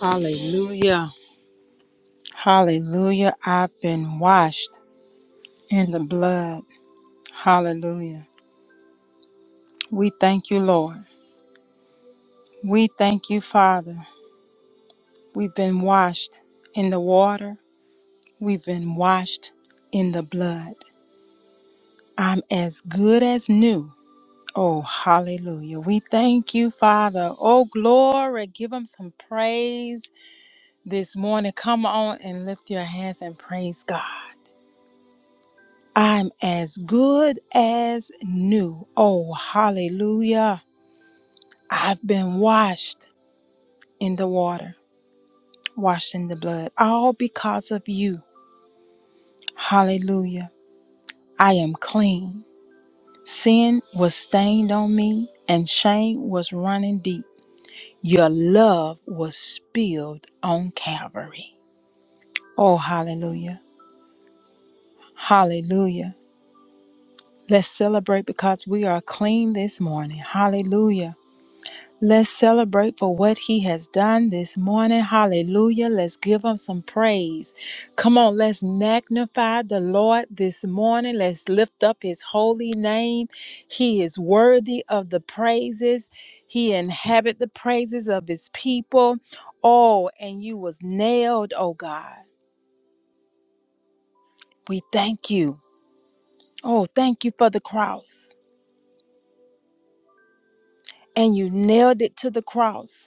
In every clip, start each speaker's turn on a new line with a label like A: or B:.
A: Hallelujah. Hallelujah. I've been washed in the blood. Hallelujah. We thank you, Lord. We thank you, Father. We've been washed in the water. We've been washed in the blood. I'm as good as new. Oh, hallelujah. We thank you, Father. Oh, glory. Give him some praise this morning. Come on and lift your hands and praise God. I'm as good as new. Oh, hallelujah. I've been washed in the water, washed in the blood, all because of you. Hallelujah. I am clean. Sin was stained on me, and shame was running deep. Your love was spilled on Calvary. Oh, hallelujah. Hallelujah. Let's celebrate because we are clean this morning. Hallelujah. Let's celebrate for what he has done this morning. Hallelujah. Let's give him some praise. Come on, let's magnify the Lord this morning. Let's lift up his holy name. He is worthy of the praises. He inhabit the praises of his people. Oh, and you was nailed, oh God. We thank you. Oh, thank you for the cross. And you nailed it to the cross.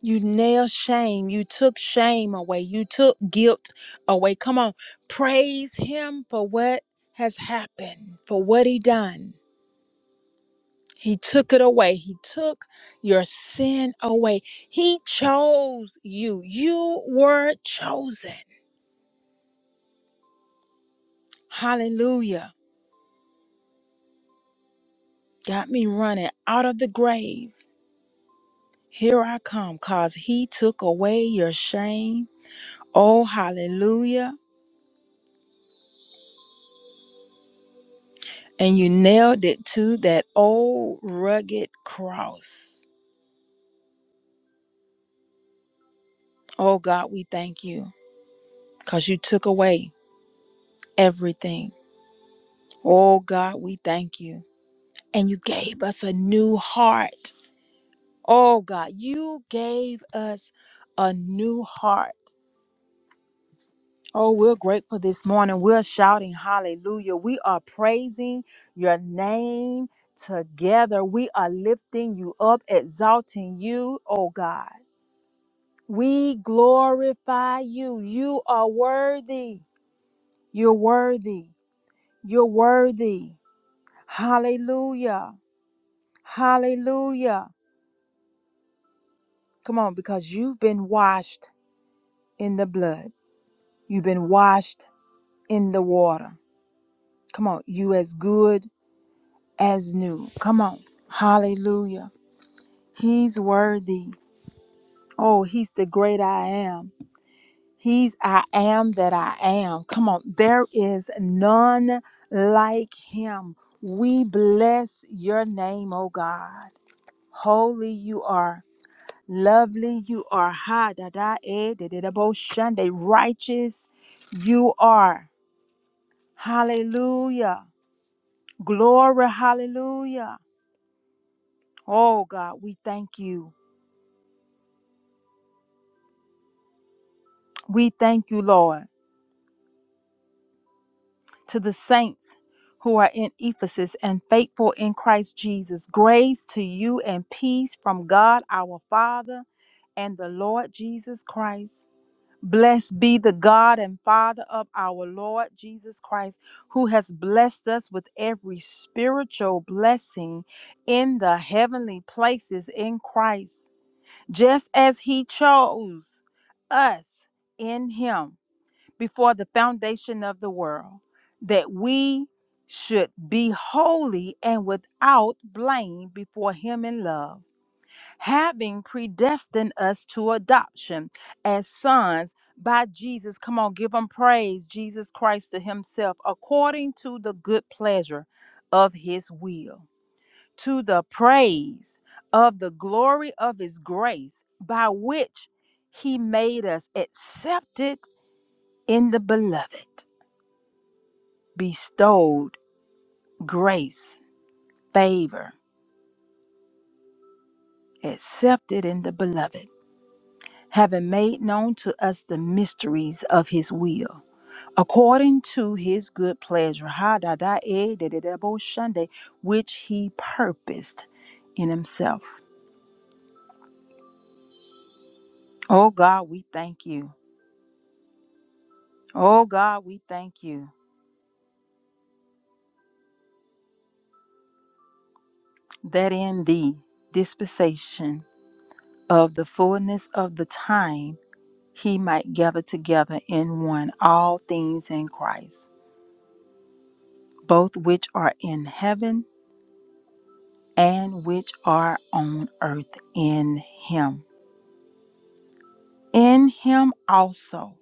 A: You nailed shame. You took shame away. You took guilt away. Come on. Praise him for what has happened, for what he done. He took it away. He took your sin away. He chose you. You were chosen. Hallelujah. Got me running out of the grave. Here I come, cause he took away your shame. Oh, hallelujah. And you nailed it to that old rugged cross. Oh God, we thank you because you took away everything. Oh God, we thank you. And you gave us a new heart. Oh God, you gave us a new heart. Oh, we're grateful this morning. We're shouting hallelujah. We are praising your name together. We are lifting you up, exalting you, oh God. We glorify you. You are worthy. You're worthy. You're worthy. Hallelujah. Hallelujah. Come on, because you've been washed in the blood. You've been washed in the water. Come on, you as good as new. Come on. Hallelujah. He's worthy. Oh, he's the great I am. He's I am that I am. Come on, there is none like him. We bless your name, O God. Holy you are, lovely you are, ha da da eh, da da da bo shande, righteous you are. Hallelujah. Glory, hallelujah. Oh God, we thank you. We thank you, Lord. to the saints who are in Ephesus and faithful in Christ Jesus. Grace to you and peace from God our Father and the Lord Jesus Christ. Blessed be the God and Father of our Lord Jesus Christ, who has blessed us with every spiritual blessing in the heavenly places in Christ, just as he chose us in him before the foundation of the world, that we should be holy and without blame before Him in love, having predestined us to adoption as sons by Jesus. Come on, give Him praise, Jesus Christ to Himself, according to the good pleasure of His will, to the praise of the glory of His grace, by which He made us accepted in the beloved bestowed grace, favor, accepted in the beloved, having made known to us the mysteries of his will, according to his good pleasure, ha da da eh, da da da bo shunde, which he purposed in himself. Oh God, we thank you. Oh God, we thank you that in the dispensation of the fullness of the time, he might gather together in one all things in Christ both which are in heaven and which are on earth in him. In him also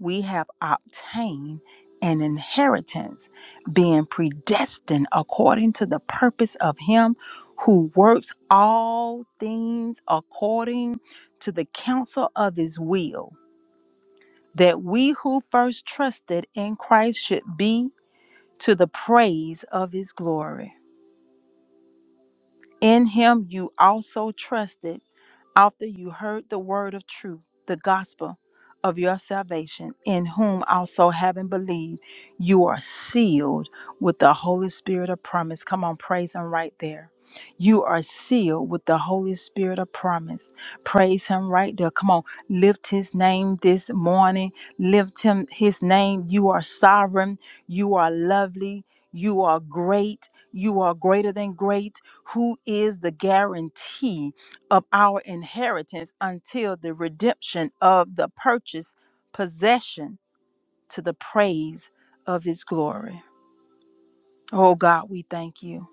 A: we have obtained an inheritance, being predestined according to the purpose of him who works all things according to the counsel of his will, that we who first trusted in Christ should be to the praise of his glory. In him you also trusted after you heard the word of truth, the gospel of your salvation, in whom also having believed, you are sealed with the Holy Spirit of promise. Come on, praise him right there. You are sealed with the Holy Spirit of promise. Praise Him right there. Come on, lift His name this morning. Lift Him, His name. You are sovereign. You are lovely. You are great. You are greater than great. Who is the guarantee of our inheritance until the redemption of the purchased possession to the praise of His glory? Oh God, we thank you.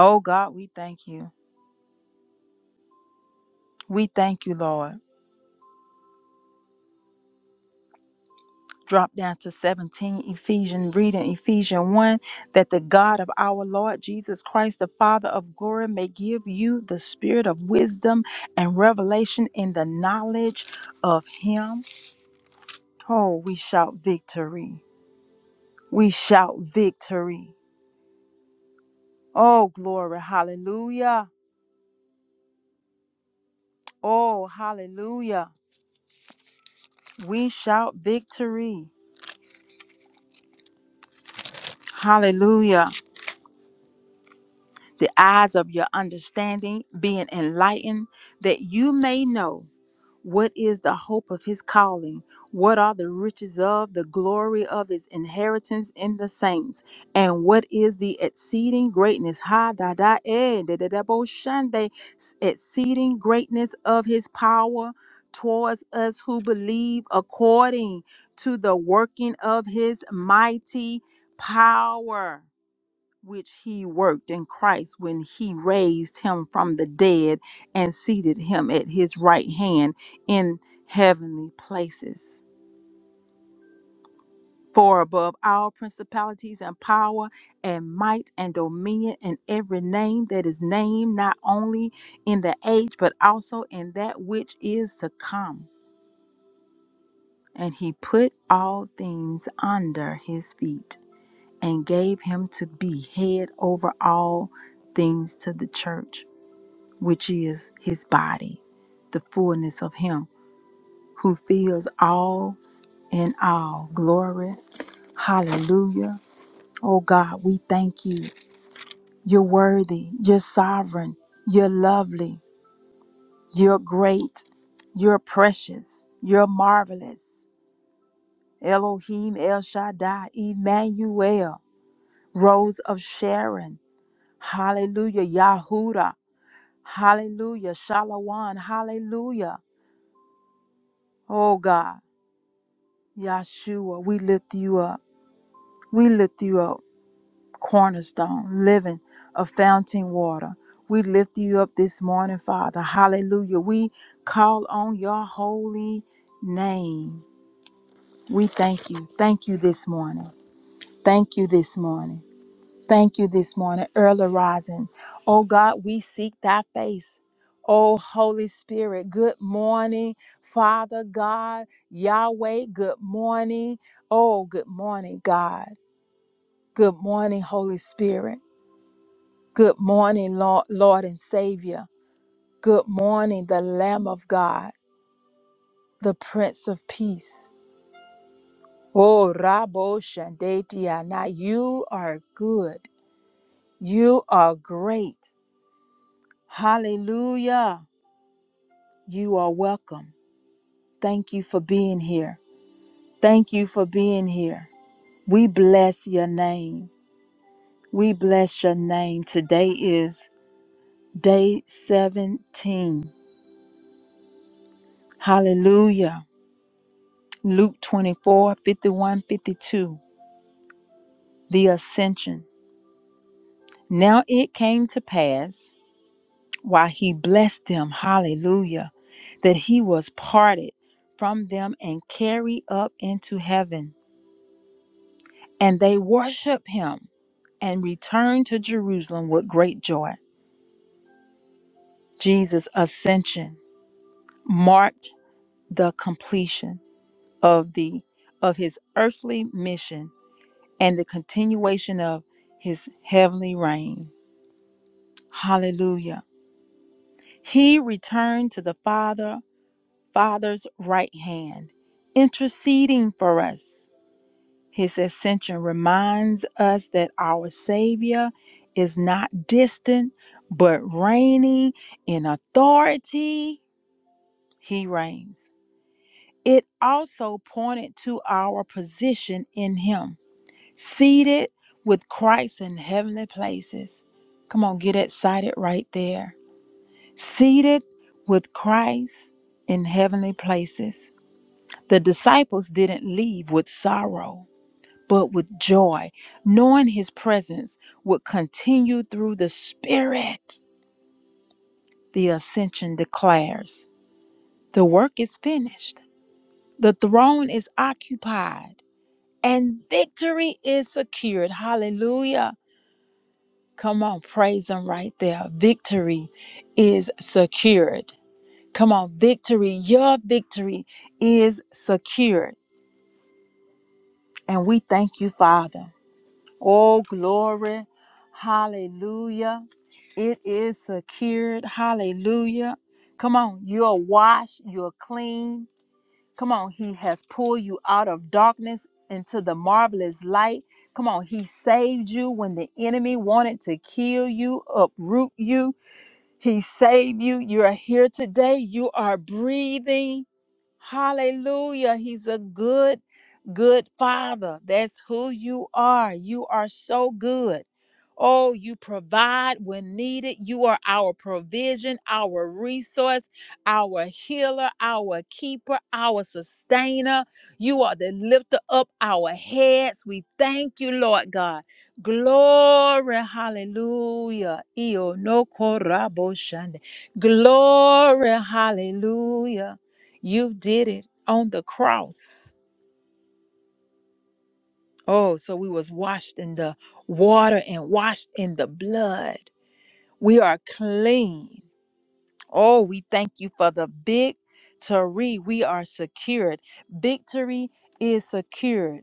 A: Oh God, we thank you. We thank you, Lord. drop down to 17 ephesians reading ephesians 1 that the god of our lord jesus christ the father of glory may give you the spirit of wisdom and revelation in the knowledge of him oh we shout victory we shout victory oh glory hallelujah oh hallelujah we shout victory hallelujah the eyes of your understanding being enlightened that you may know What is the hope of his calling? What are the riches of the glory of his inheritance in the saints? And what is the exceeding greatness? Ha da da eh da da da bo shande exceeding greatness of his power towards us who believe according to the working of his mighty power which he worked in Christ when he raised him from the dead and seated him at his right hand in heavenly places. For above all principalities and power and might and dominion and every name that is named, not only in the age, but also in that which is to come. And he put all things under his feet and gave him to be head over all things to the church which is his body, the fullness of him who fills all in all. Glory. Hallelujah. Oh God, we thank you. You're worthy. You're sovereign. You're lovely. You're great. You're precious. You're marvelous. Elohim El Shaddai, Emmanuel, Rose of Sharon. Hallelujah. Yahuda. Hallelujah. Shalawan. Hallelujah. Oh God. Yahshua, we lift you up. We lift you up, cornerstone, living of fountain water. We lift you up this morning, Father. Hallelujah. We call on your holy name. We thank you. Thank you this morning. Thank you this morning. Thank you this morning, early rising. Oh God, we seek thy face. Oh Holy Spirit, good morning, Father God, Yahweh, good morning. Oh, good morning, God. Good morning, Holy Spirit. Good morning, Lord, Lord and Savior. Good morning, the Lamb of God, the Prince of Peace. Oh, Rabo Shandetia. Now you are good. You are great. Hallelujah. You are welcome. Thank you for being here. Thank you for being here. We bless your name. We bless your name. Today is day 17. Hallelujah. Luke 24 51 52. The Ascension. Now it came to pass while he blessed them, hallelujah, that he was parted from them and carried up into heaven. and they worship him and returned to Jerusalem with great joy. Jesus' ascension marked the completion of the of his earthly mission and the continuation of his heavenly reign. Hallelujah. He returned to the Father, Father's right hand, interceding for us. His ascension reminds us that our Savior is not distant, but reigning in authority. He reigns. It also pointed to our position in Him, seated with Christ in heavenly places. Come on, get excited right there. Seated with Christ in heavenly places. The disciples didn't leave with sorrow but with joy, knowing his presence would continue through the Spirit. The ascension declares the work is finished, the throne is occupied, and victory is secured. Hallelujah. Come on, praise him right there. Victory is secured. Come on, victory, your victory is secured. And we thank you, Father. Oh, glory. Hallelujah. It is secured. Hallelujah. Come on. You're washed. You're clean. Come on. He has pulled you out of darkness into the marvelous light. Come on. He saved you when the enemy wanted to kill you, uproot you. He saved you. You're here today. You are breathing. Hallelujah. He's a good, good father. That's who you are. You are so good. Oh, you provide when needed. You are our provision, our resource, our healer, our keeper, our sustainer. You are the lifter up our heads. We thank you, Lord God. Glory, hallelujah. Iyo no korabo shande. Glory, hallelujah. You did it on the cross. Oh, so we was washed in the water and washed in the blood. We are clean. Oh, we thank you for the victory. We are secured. Victory is secured.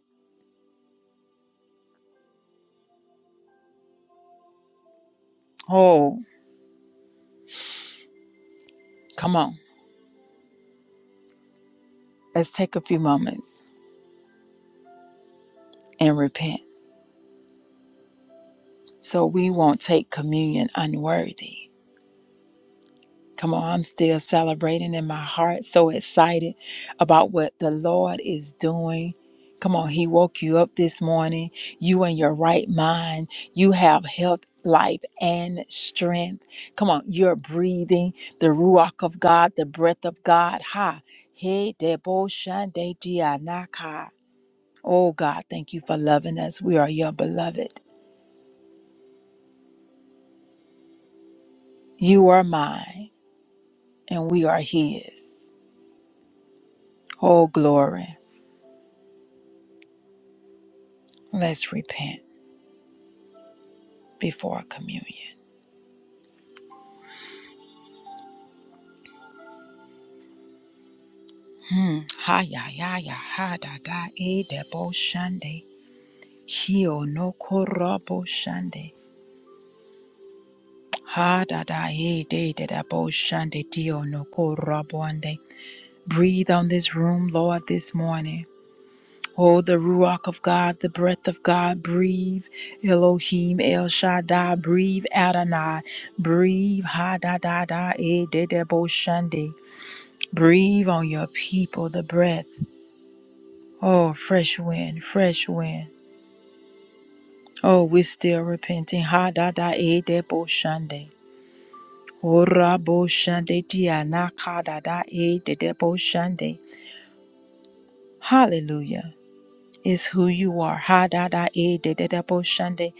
A: Oh, come on. Let's take a few moments and repent. So we won't take communion unworthy. Come on, I'm still celebrating in my heart, so excited about what the Lord is doing. Come on, He woke you up this morning. You in your right mind. You have health, life, and strength. Come on, you're breathing the Ruach of God, the breath of God. Ha. He debo shande dia naka. Oh God, thank you for loving us. We are your beloved. You are mine, and we are His. Oh, glory. Let's repent. before communion. Hmm. Ha ya ya ya ha da da e de bo shande. Hio no korabo shande. Ha da da e de de da bo shande dio no korabo ande. Breathe on this room, Lord, this morning. Oh, the Ruach of God, the breath of God, breathe. Elohim, El Shaddai, breathe. Adonai, breathe. Ha da da da, e de de bo shande. Breathe on your people, the breath. Oh, fresh wind, fresh wind. Oh, we still repenting. Ha da da e de bo shande. Ora bo shande dia na ka da da e de de bo shande. Hallelujah. is who you are. Ha da da e de de da bo shande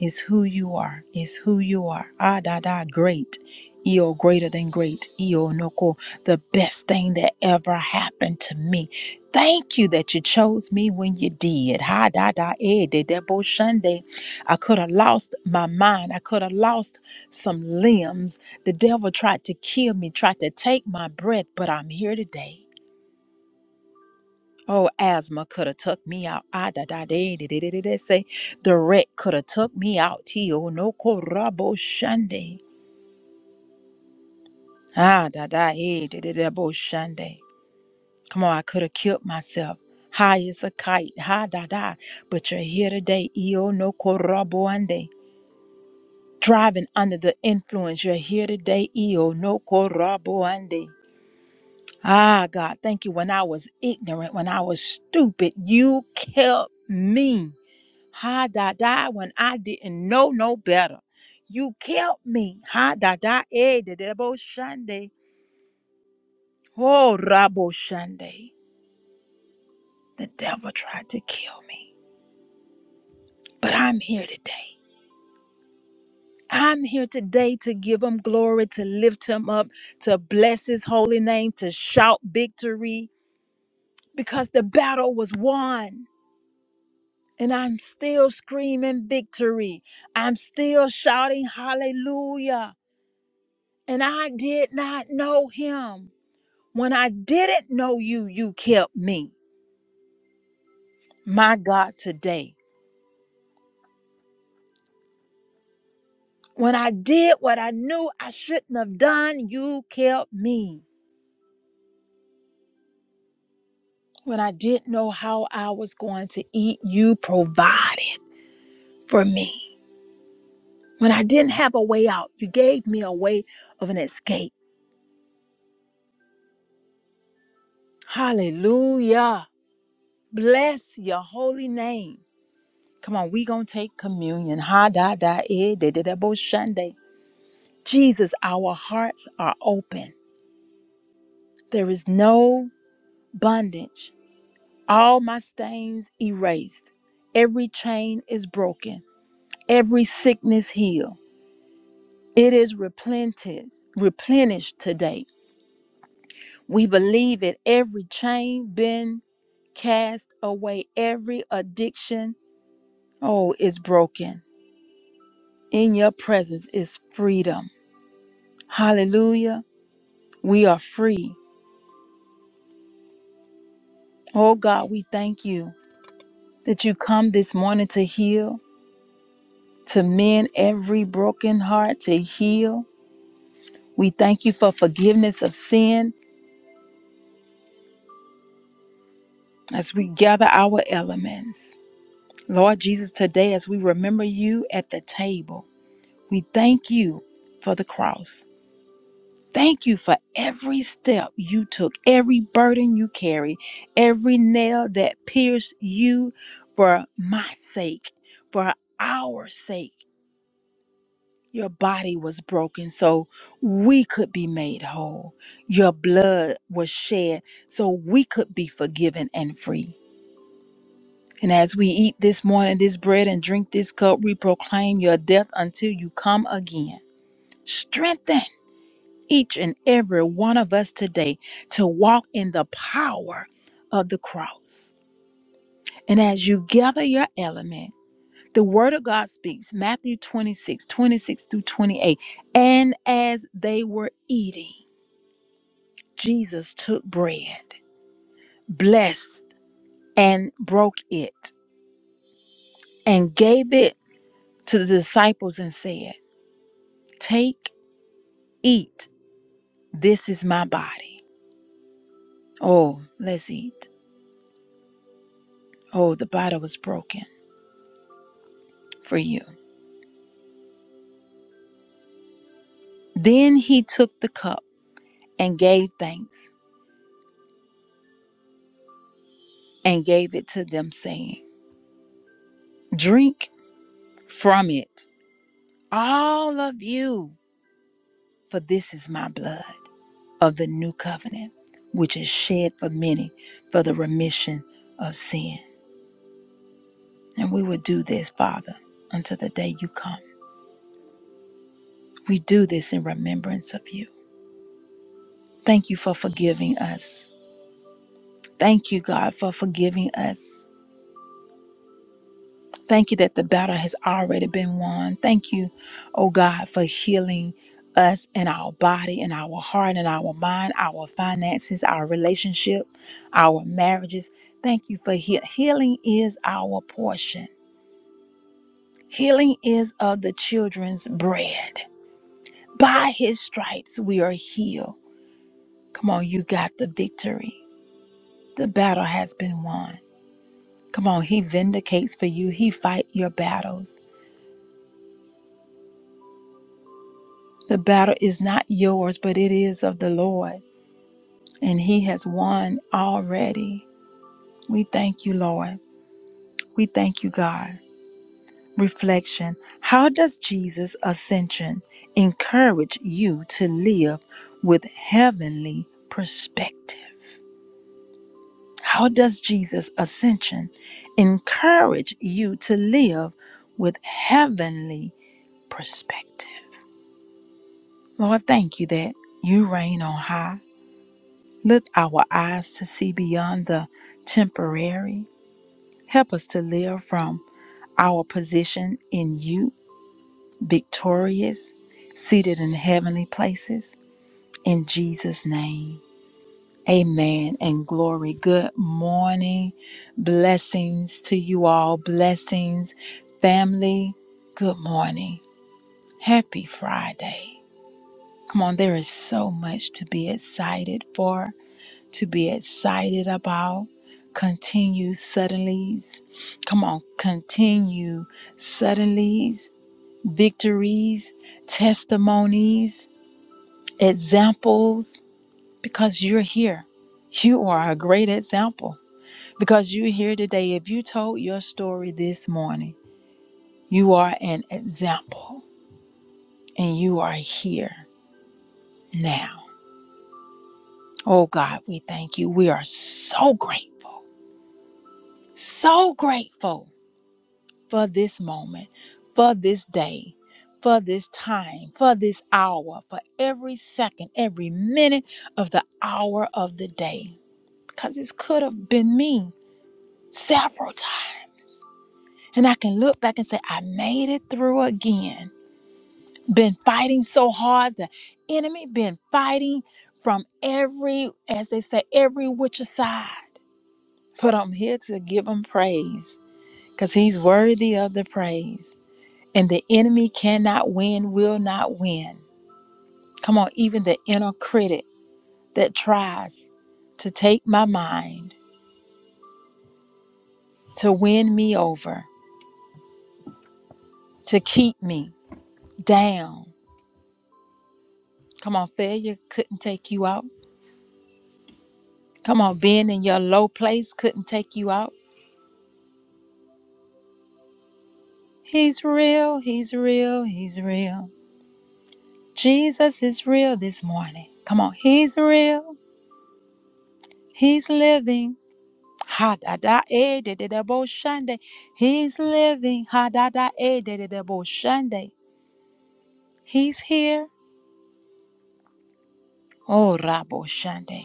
A: is who you are. Is who you are. Ah da da great. Eo greater than great. Eo noko the best thing that ever happened to me. Thank you that you chose me when you did. Ha da da e de de bo shande. I could have lost my mind. I could have lost some limbs. The devil tried to kill me, tried to take my breath, but I'm here today. Oh, asthma could have took me out. Ah, da da da da da da da. da, Say, the wreck could have took me out. Tio no korabo shande. Ah, da da eh, da da da bo shande. Come on, I could have killed myself. High as a kite, ha da da. But you're here today, io no korabo ande. Driving under the influence, you're here today, io no korabo ande. Ah, God, thank you. When I was ignorant, when I was stupid, you kept me. Ha da da when I didn't know no better. You kept me. Ha da da eh the devil shande, Oh Rabo shande. The devil tried to kill me. But I'm here today. I'm here today to give him glory, to lift him up, to bless his holy name, to shout victory. Because the battle was won. And I'm still screaming victory. I'm still shouting hallelujah. And I did not know him. When I didn't know you, you kept me. My God, today. When I did what I knew I shouldn't have done, you kept me. When I didn't know how I was going to eat, you provided for me. When I didn't have a way out, you gave me a way of an escape. Hallelujah. Bless your holy name. Come on, we gonna take communion. Ha da da e de da de bo shande. Jesus, our hearts are open. There is no bondage. All my stains erased. Every chain is broken. Every sickness healed. It is replented, replenished today. We believe it. Every chain been cast away. Every addiction, oh, is broken. In your presence is freedom. Hallelujah. We are free. Oh God, we thank you that you come this morning to heal, to mend every broken heart, to heal We thank you for forgiveness of sin as we gather our elements. Lord Jesus, today as we remember you at the table, we thank you for the cross. Thank you for every step you took, every burden you carried, every nail that pierced you for my sake, for our sake. Your body was broken so we could be made whole. Your blood was shed so we could be forgiven and free. And as we eat this morning this bread and drink this cup, we proclaim your death until you come again. Strengthen each and every one of us today to walk in the power of the cross. And as you gather your element, the word of God speaks, Matthew 26, 26 through 28. And as they were eating, Jesus took bread, blessed and broke it, and gave it to the disciples and said, Take Eat, this is my body. Oh, let's eat. Oh, the body was broken for you. Then he took the cup and gave thanks and gave it to them, saying, Drink from it, all of you, for this is my blood of the new covenant, which is shed for many for the remission of sin. And we will do this, Father, until the day you come. We do this in remembrance of you. Thank you for forgiving us. Thank you, God, for forgiving us. Thank you that the battle has already been won. Thank you, oh God, for healing us in our body, in our heart, in our mind, our finances, our relationship, our marriages. Thank you for heal. healing is our portion. Healing is of the children's bread. By his stripes we are healed. Come on, you got the victory. The battle has been won. Come on, he vindicates for you. He fight your battles. The battle is not yours, but it is of the Lord, and He has won already. We thank you, Lord. We thank you, God. Reflection How does Jesus' ascension encourage you to live with heavenly perspective? How does Jesus' ascension encourage you to live with heavenly perspective? Lord, thank you that you reign on high. Lift our eyes to see beyond the temporary. Help us to live from our position in you, victorious, seated in heavenly places. In Jesus' name, amen and glory. Good morning. Blessings to you all. Blessings, family. Good morning. Happy Friday. Come on, there is so much to be excited for. to be excited about. Continue suddenlies. Come on, continue suddenlies, victories, testimonies, examples, because you're here. You are a great example because you're here today. If you told your story this morning, you are an example and you are here now. Oh God, we thank you. We are so grateful, so grateful for this moment, for this day, for this time, for this hour, for every second, every minute of the hour of the day. Because this could have been me several times. And I can look back and say, I made it through again. Been fighting so hard, the enemy been fighting from every, as they say, every which side. But I'm here to give him praise because he's worthy of the praise. And the enemy cannot win, will not win. Come on, even the inner critic that tries to take my mind, to win me over, to keep me down. Come on, failure couldn't take you out. Come on, being in your low place couldn't take you out. He's real, he's real, he's real. Jesus is real this morning. Come on, he's real, he's living. Ha da da e de de de bo shande. He's living. Ha da da e de de de bo shande. He's here. Oh rabo shande.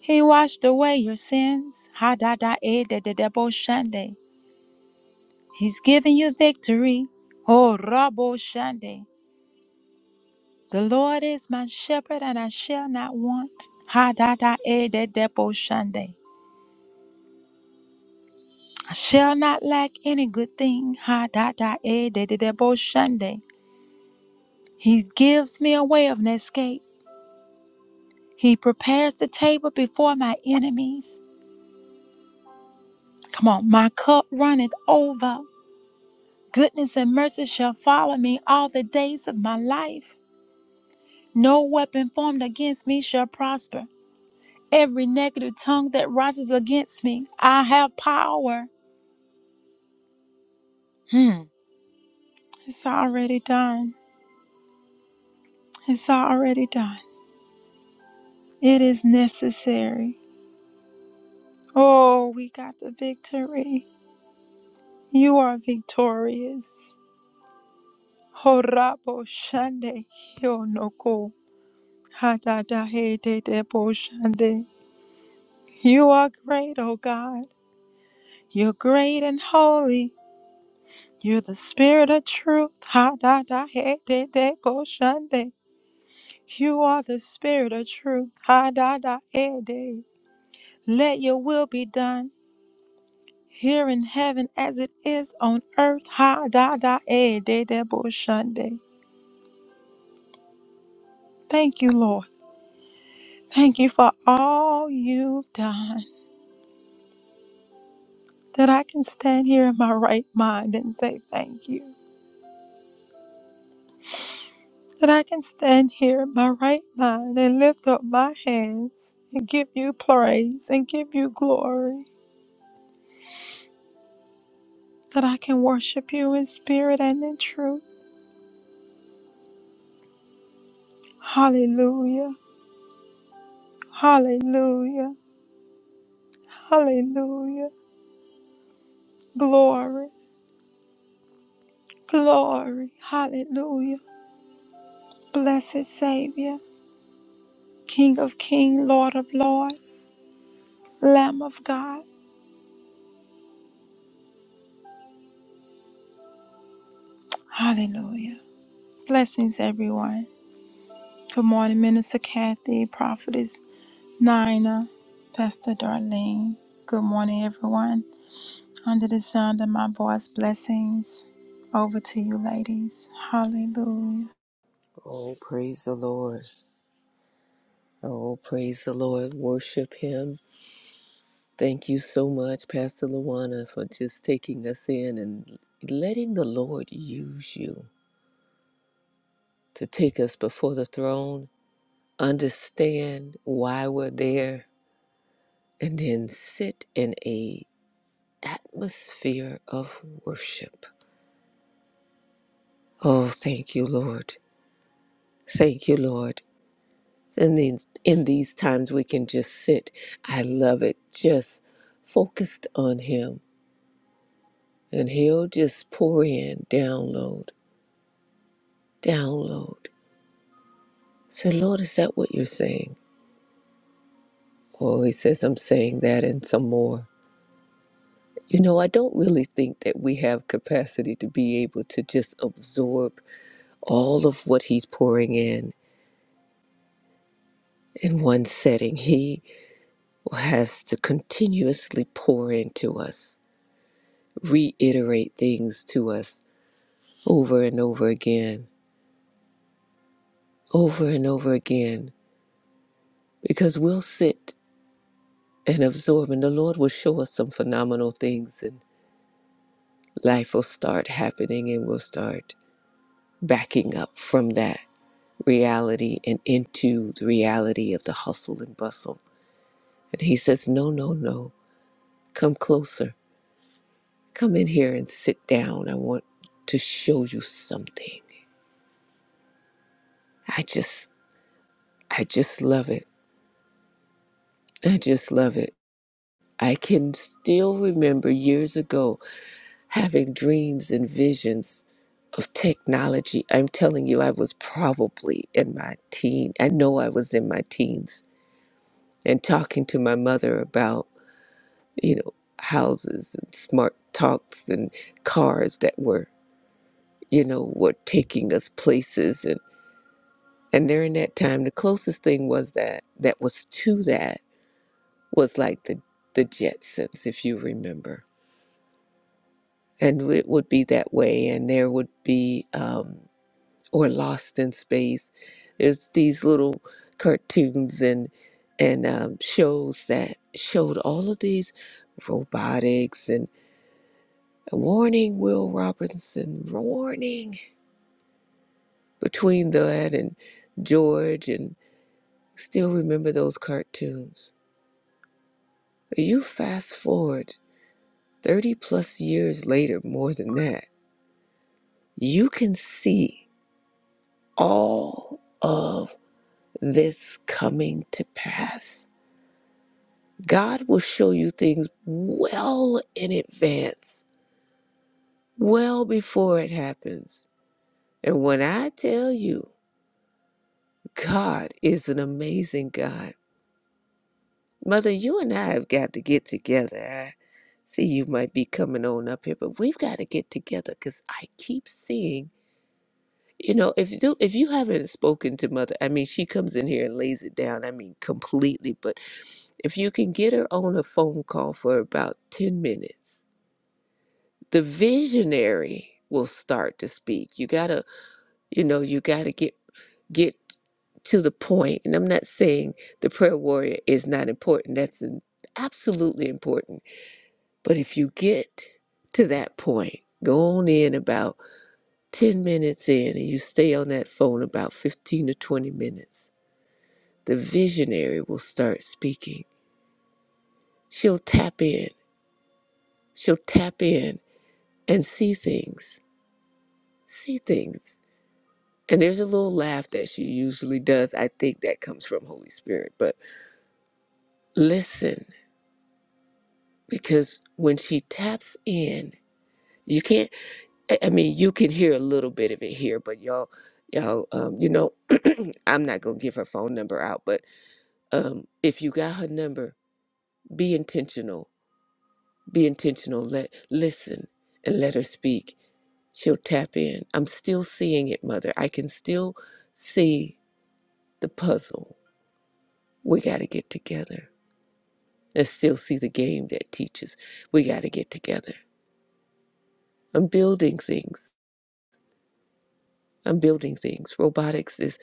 A: He washed away your sins. Ha da da e de de de bo shande. He's giving you victory. Oh rabo shande. The Lord is my shepherd and I shall not want. Ha da da e de de bo shande. I shall not lack any good thing. Ha da da e de de de bo shande. He gives me a way of an escape. He prepares the table before my enemies. Come on, my cup runneth over. Goodness and mercy shall follow me all the days of my life. No weapon formed against me shall prosper. Every negative tongue that rises against me, I have power. Hmm. It's already done. It's already done. It is necessary. Oh, we got the victory. You are victorious. Horabo Shande Hyonoko Hadada Hede Debo Shande. You are great, O God. You're great and holy. You're the spirit of truth. Hadada Hede Debo Shande. You are the spirit of truth. Hadada Hede. Let your will be done. Here in heaven as it is on earth. Hadada Hede Debo Shande. Thank you, Lord. Thank you for all you've done. that I can stand here in my right mind and say thank you. That I can stand here in my right mind and lift up my hands and give you praise and give you glory. That I can worship you in spirit and in truth. Hallelujah. Hallelujah. Hallelujah. Glory. Glory. Hallelujah. Blessed Savior, King of King, Lord of Lord, Lamb of God. Hallelujah. Blessings, everyone. Good morning, Minister Kathy, Prophetess Nina, Pastor Darlene. Good morning, everyone. Under the sound of my voice, blessings over to you, ladies. Hallelujah.
B: Oh, praise the Lord. Oh, praise the Lord. Worship Him. Thank you so much, Pastor Luana, for just taking us in and letting the Lord use you to take us before the throne, understand why we're there, and then sit in a atmosphere of worship. Oh, thank you, Lord. Thank you, Lord. And then in these times, we can just sit. I love it. Just focused on Him And he'll just pour in, download, download. Say, Lord, is that what you're saying? Oh, he says, I'm saying that and some more. You know, I don't really think that we have capacity to be able to just absorb all of what he's pouring in in one setting. He has to continuously pour into us, reiterate things to us over and over again, over and over again, because we'll sit and absorbing, the Lord will show us some phenomenal things, and life will start happening, and we'll start backing up from that reality and into the reality of the hustle and bustle. And He says, No, no, no, come closer. Come in here and sit down. I want to show you something. I just, I just love it. I just love it. I can still remember years ago having dreams and visions of technology. I'm telling you, I was probably in my teen. I know I was in my teens and talking to my mother about, you know, houses and smart talks and cars that were, you know, were taking us places and and during that time the closest thing was that that was to that was like the the Jetsons, if you remember. And it would be that way and there would be um, or Lost in Space. There's these little cartoons and and um, shows that showed all of these robotics and warning Will Robinson warning between that and George and still remember those cartoons. You fast forward 30 plus years later, more than that, you can see all of this coming to pass God will show you things well in advance, well before it happens. And when I tell you, God is an amazing God. Mother, you and I have got to get together. I see you might be coming on up here, but we've got to get together because I keep seeing, you know, if you do, if you haven't spoken to Mother, I mean, she comes in here and lays it down. I mean, completely. But if you can get her on a phone call for about ten minutes the visionary will start to speak you gotta you know you gotta get get to the point point. and i'm not saying the prayer warrior is not important that's an- absolutely important but if you get to that point go on in about 10 minutes in and you stay on that phone about 15 to 20 minutes the visionary will start speaking she'll tap in she'll tap in and see things see things And there's a little laugh that she usually does. I think that comes from Holy Spirit. But listen, because when she taps in, you can't. I I mean, you can hear a little bit of it here, but y'all, y'all, um, you know, I'm not gonna give her phone number out. But um, if you got her number, be intentional. Be intentional. Let listen and let her speak. She'll tap in. I'm still seeing it, Mother. I can still see the puzzle. We got to get together and still see the game that teaches we got to get together. I'm building things. I'm building things. Robotics is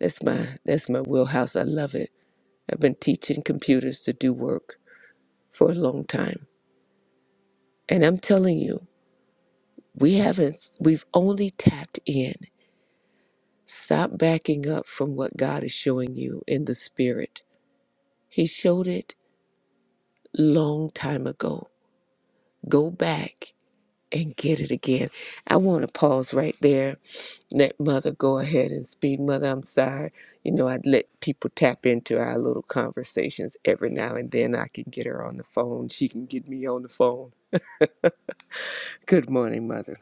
B: that's my that's my wheelhouse. I love it. I've been teaching computers to do work for a long time. And I'm telling you, we haven't we've only tapped in. Stop backing up from what God is showing you in the spirit. He showed it long time ago. Go back and get it again. I want to pause right there. Let Mother go ahead and speak. Mother, I'm sorry. You know, I'd let people tap into our little conversations every now and then. I can get her on the phone. She can get me on the phone. Good morning, Mother.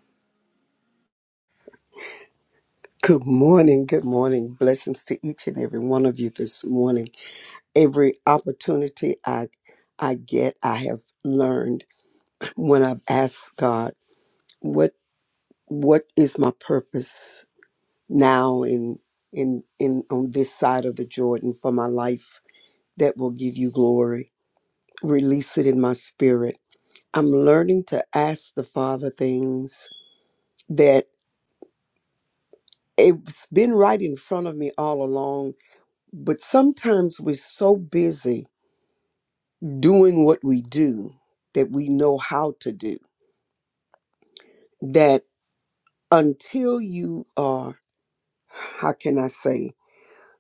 C: Good morning. Good morning. Blessings to each and every one of you this morning. Every opportunity I I get, I have learned when I've asked God, what what is my purpose now in in in on this side of the Jordan for my life that will give you glory. Release it in my spirit. I'm learning to ask the Father things that it's been right in front of me all along But sometimes we're so busy doing what we do that we know how to do, that until you are, how can I say,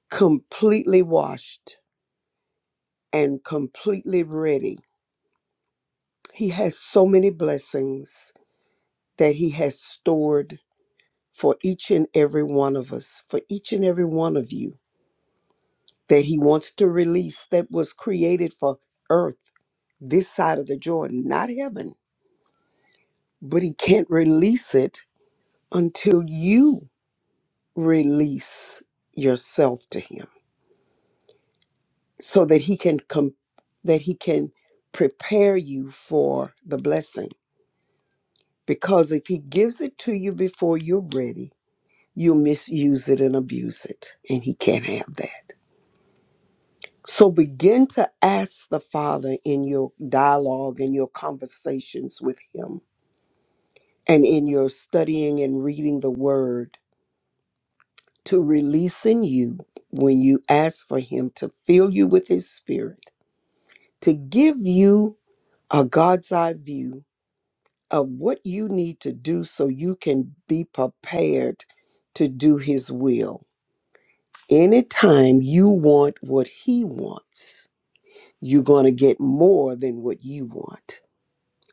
C: completely washed and completely ready, He has so many blessings that He has stored for each and every one of us, for each and every one of you, that He wants to release that was created for earth, this side of the Jordan, not heaven. But he can't release it until you release yourself to him so that he can come that he can prepare you for the blessing because if he gives it to you before you're ready you'll misuse it and abuse it and he can't have that so begin to ask the father in your dialogue in your conversations with him and in your studying and reading the word to release in you when you ask for Him to fill you with His Spirit, to give you a God's eye view of what you need to do so you can be prepared to do His will. Anytime you want what He wants, you're going to get more than what you want.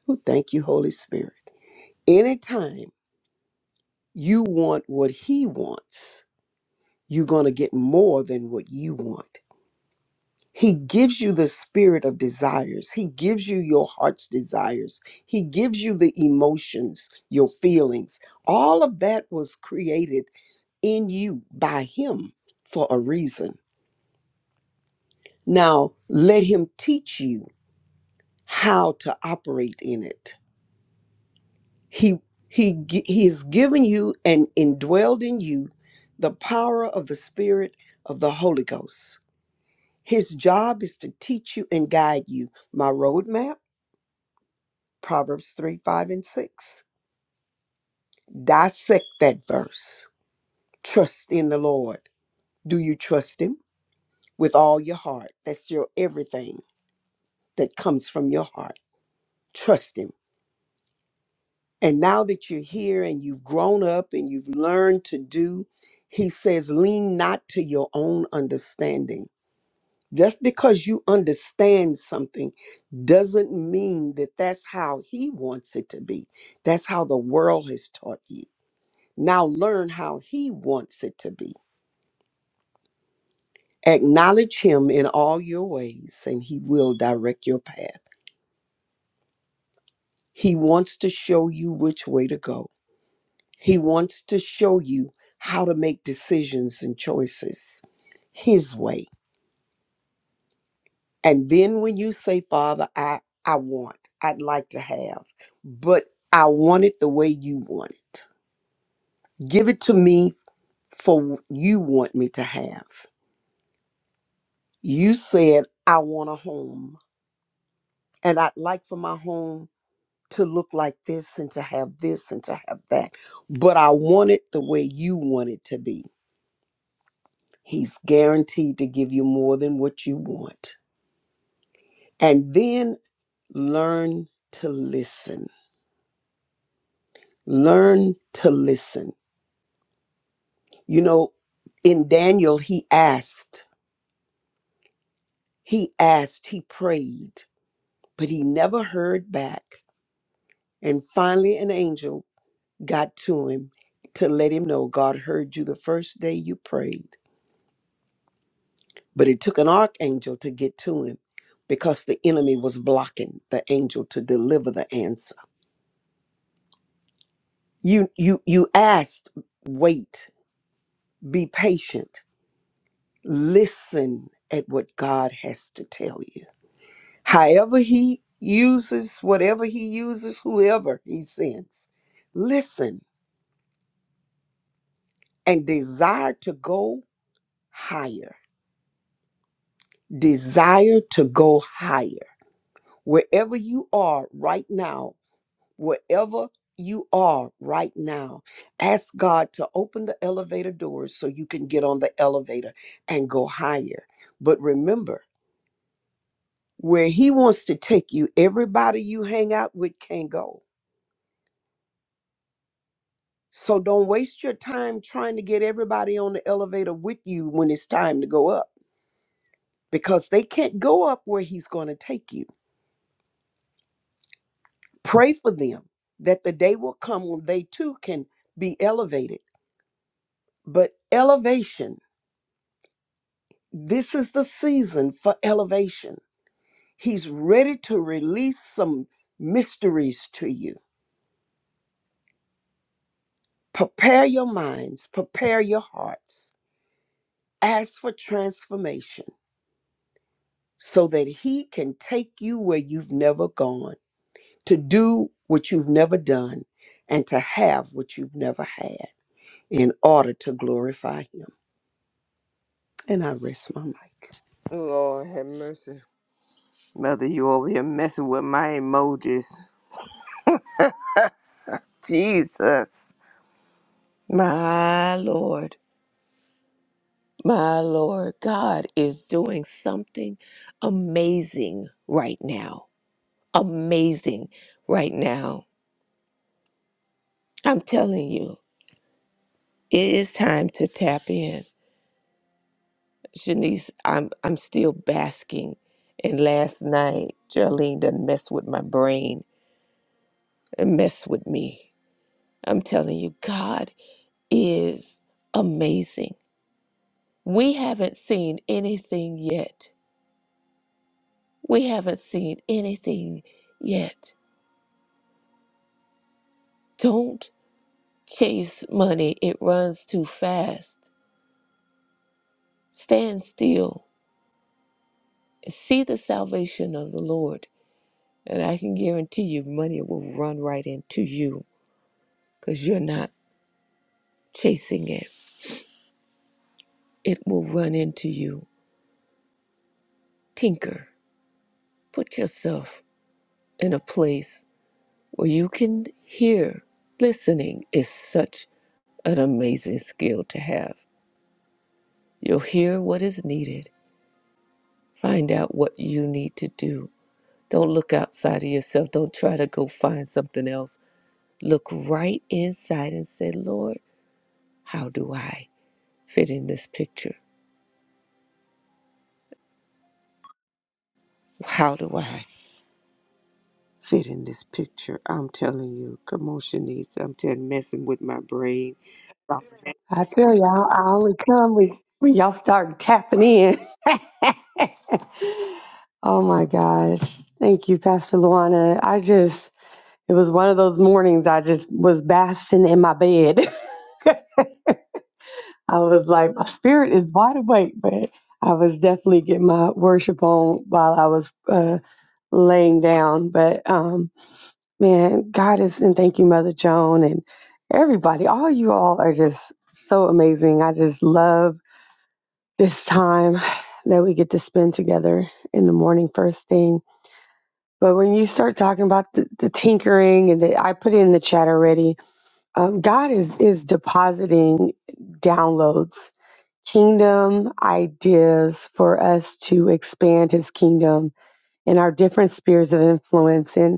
C: Oh, thank you, Holy Spirit. Anytime you want what He wants, you're going to get more than what you want He gives you the spirit of desires. He gives you your heart's desires. He gives you the emotions, your feelings. All of that was created in you by Him for a reason. Now, let Him teach you how to operate in it. He he, gi- he has given you and indwelled in you the power of the Spirit of the Holy Ghost. His job is to teach you and guide you. My roadmap Proverbs 3 5 and 6. Dissect that verse. Trust in the Lord. Do you trust Him with all your heart? That's your everything that comes from your heart. Trust Him. And now that you're here and you've grown up and you've learned to do, He says, lean not to your own understanding. Just because you understand something doesn't mean that that's how He wants it to be. That's how the world has taught you. Now learn how He wants it to be. Acknowledge Him in all your ways, and He will direct your path. He wants to show you which way to go, He wants to show you how to make decisions and choices His way. And then when you say, Father, I, I want, I'd like to have, but I want it the way you want it. Give it to me for what you want me to have. You said, I want a home. and I'd like for my home to look like this and to have this and to have that. But I want it the way you want it to be. He's guaranteed to give you more than what you want. And then learn to listen. Learn to listen. You know, in Daniel, he asked, he asked, he prayed, but he never heard back. And finally, an angel got to him to let him know God heard you the first day you prayed. But it took an archangel to get to him because the enemy was blocking the angel to deliver the answer. You you you asked, wait, be patient, listen at what God has to tell you. However he uses, whatever he uses, whoever he sends, listen and desire to go higher. Desire to go higher. Wherever you are right now, wherever you are right now, ask God to open the elevator doors so you can get on the elevator and go higher. But remember, where He wants to take you, everybody you hang out with can go. So don't waste your time trying to get everybody on the elevator with you when it's time to go up because they can't go up where He's going to take you. Pray for them that the day will come when they too can be elevated. But elevation This is the season for elevation. He's ready to release some mysteries to you. Prepare your minds, prepare your hearts. Ask for transformation so that He can take you where you've never gone, to do what you've never done, and to have what you've never had in order to glorify Him. And I rest my mic.
B: Lord have mercy. Mother, you over here messing with my emojis. Jesus. My Lord, my Lord, God is doing something amazing right now. amazing right now. I'm telling you, it is time to tap in. Shanice, I'm I'm still basking. And last night, Geraldine done messed with my brain and messed with me. I'm telling you, God is amazing. We haven't seen anything yet. We haven't seen anything yet. Don't chase money, it runs too fast. Stand still See the salvation of the Lord, and I can guarantee you money will run right into you because you're not chasing it. It will run into you. Tinker, put yourself in a place where you can hear. Listening is such an amazing skill to have. You'll hear what is needed, find out what you need to do. Don't look outside of yourself. Don't try to go find something else. Look right inside and say, Lord, how do I? fit in this picture? How do I fit in this picture? I'm telling you, come on, I'm telling messing with my brain.
D: I tell y'all, I only come when, when y'all start tapping in. oh my gosh. Thank you, Pastor Luana. I just, it was one of those mornings I just was basking in my bed. I was like, my spirit is wide awake, but I was definitely getting my worship on while I was uh, laying down. But um, man, God is, and thank you, Mother Joan, and everybody, all you all are just so amazing. I just love this time that we get to spend together in the morning first thing. But when you start talking about the, the tinkering and the, I put it in the chat already, um, God is is depositing downloads, kingdom ideas for us to expand His kingdom in our different spheres of influence. and.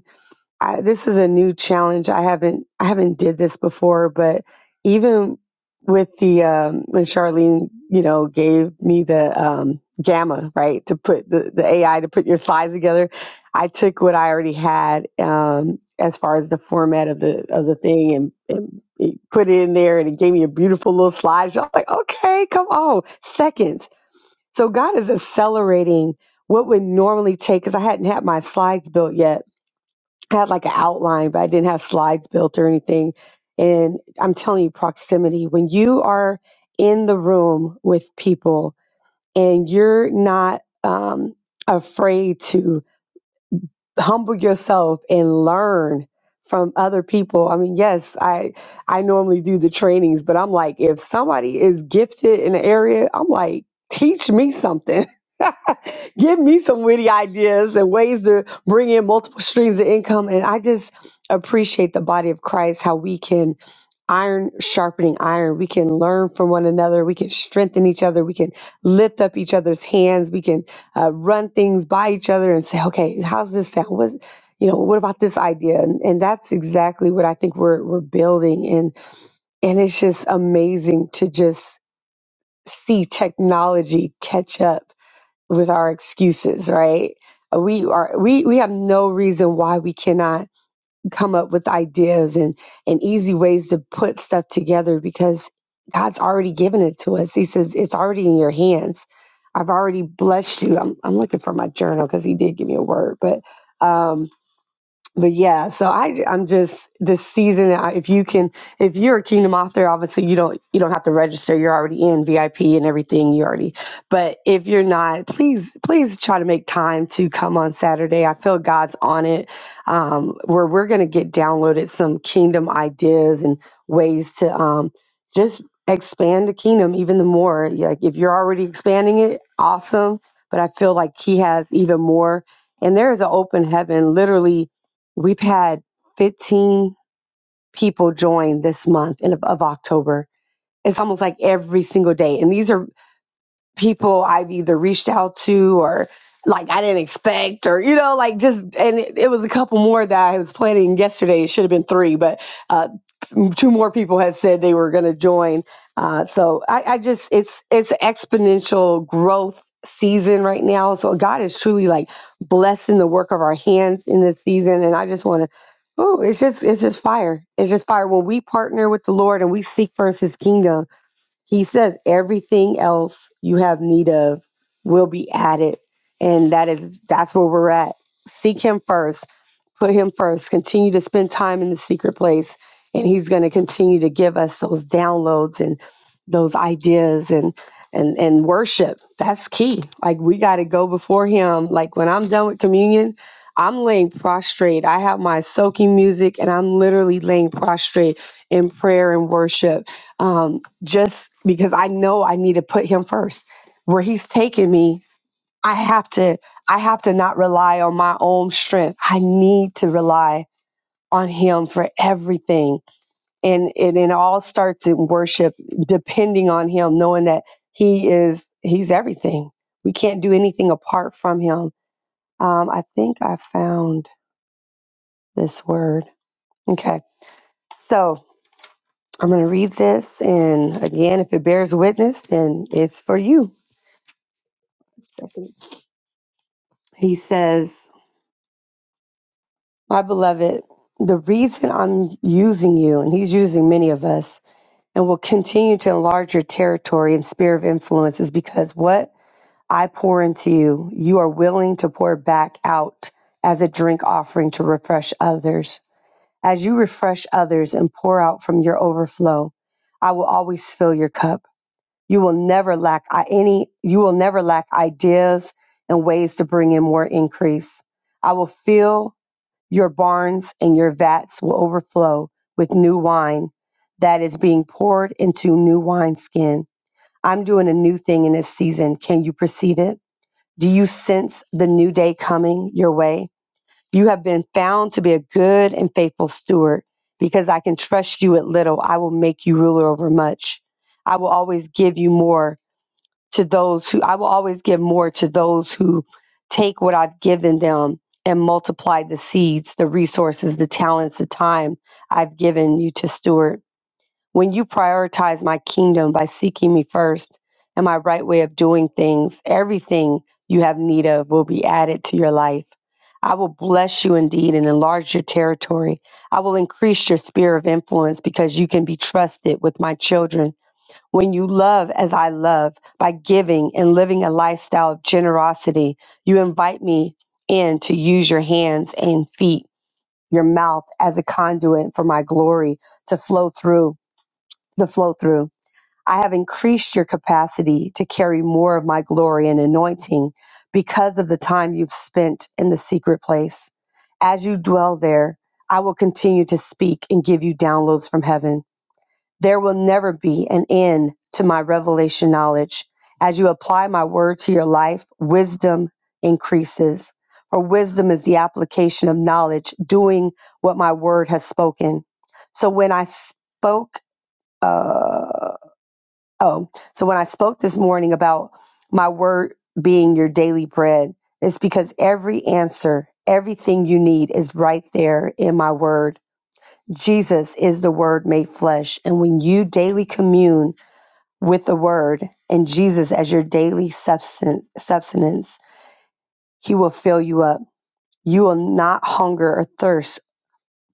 D: I, this is a new challenge. I haven't I haven't did this before, but even with the um, when Charlene, you know, gave me the um, gamma right to put the, the AI to put your slides together, I took what I already had um, as far as the format of the of the thing and, and it put it in there, and it gave me a beautiful little slide. So I was like, okay, come on, seconds. So God is accelerating what would normally take because I hadn't had my slides built yet had like an outline, but I didn't have slides built or anything. And I'm telling you, proximity, when you are in the room with people and you're not um, afraid to humble yourself and learn from other people. I mean, yes, I I normally do the trainings, but I'm like, if somebody is gifted in an area, I'm like, teach me something. Give me some witty ideas and ways to bring in multiple streams of income. And I just appreciate the body of Christ, how we can iron sharpening iron. We can learn from one another. We can strengthen each other. We can lift up each other's hands. We can uh, run things by each other and say, okay, how's this sound? What, you know, what about this idea? And, and that's exactly what I think we're we're building, and and it's just amazing to just see technology catch up with our excuses, right? We are we we have no reason why we cannot come up with ideas and, and easy ways to put stuff together because God's already given it to us. He says, It's already in your hands. I've already blessed you. I'm, I'm looking for my journal because he did give me a word, but um, but yeah, so I I'm just this season. I- If you can, if you're a Kingdom author, obviously you don't you don't have to register. You're already in VIP and everything. You already. But if you're not, please please try to make time to come on Saturday. I feel God's on it. Um, where we're gonna get downloaded some Kingdom ideas and ways to um just expand the Kingdom even the more. Like if you're already expanding it, awesome. But I feel like He has even more. And there is an open heaven, literally We've had 15 people join this month in, of October. It's almost like every single day. And these are people I've either reached out to or like I didn't expect or, you know, like just, and it, it was a couple more that I was planning yesterday. It should have been three, but uh, two more people had said they were going to join. Uh, so I, I just it's it's exponential growth season right now. So God is truly like blessing the work of our hands in this season, and I just want to. Oh, it's just it's just fire. It's just fire when we partner with the Lord and we seek first His kingdom. He says everything else you have need of will be added, and that is that's where we're at. Seek Him first Put him first. Continue to spend time in the secret place. And he's going to continue to give us those downloads and those ideas and and and worship. That's key. Like we got to go before him. Like when I'm done with communion, I'm laying prostrate. I have my soaking music and I'm literally laying prostrate in prayer and worship. Um, just because I know I need to put him first. Where he's taking me, I have to I have to not rely on my own strength. I need to rely on him for everything. And and it all starts in worship, depending on him, knowing that he is he's everything. We can't do anything apart from him. Um, I think I found this word. Okay. So I'm gonna read this and again if it bears witness, then it's for you. Second. He says My beloved, the reason I'm using you, and he's using many of us, and will continue to enlarge your territory and sphere of influence is because what I pour into you, you are willing to pour back out as a drink offering to refresh others. As you refresh others and pour out from your overflow, I will always fill your cup. You will never lack i- any, you will never lack ideas and ways to bring in more increase. I will fill your barns and your vats will overflow with new wine that is being poured into new wineskin. I'm doing a new thing in this season. Can you perceive it? Do you sense the new day coming your way? You have been found to be a good and faithful steward because I can trust you at little. I will make you ruler over much. I will always give you more to those who I will always give more to those who take what I've given them and multiply the seeds, the resources, the talents, the time I've given you to steward. When you prioritize my kingdom by seeking me first and my right way of doing things, everything you have need of will be added to your life. I will bless you indeed and enlarge your territory. I will increase your sphere of influence because you can be trusted with my children when you love as I love by giving and living a lifestyle of generosity, you invite me in to use your hands and feet, your mouth as a conduit for my glory to flow through the flow through. I have increased your capacity to carry more of my glory and anointing because of the time you've spent in the secret place. As you dwell there, I will continue to speak and give you downloads from heaven. There will never be an end to my revelation knowledge. As you apply my word to your life, wisdom increases. For wisdom is the application of knowledge, doing what my word has spoken. So when I spoke, uh, oh, so when I spoke this morning about my word being your daily bread, it's because every answer, everything you need is right there in my word. Jesus is the word made flesh. And when you daily commune, with the word and Jesus as your daily substance, substance, he will fill you up. You will not hunger or thirst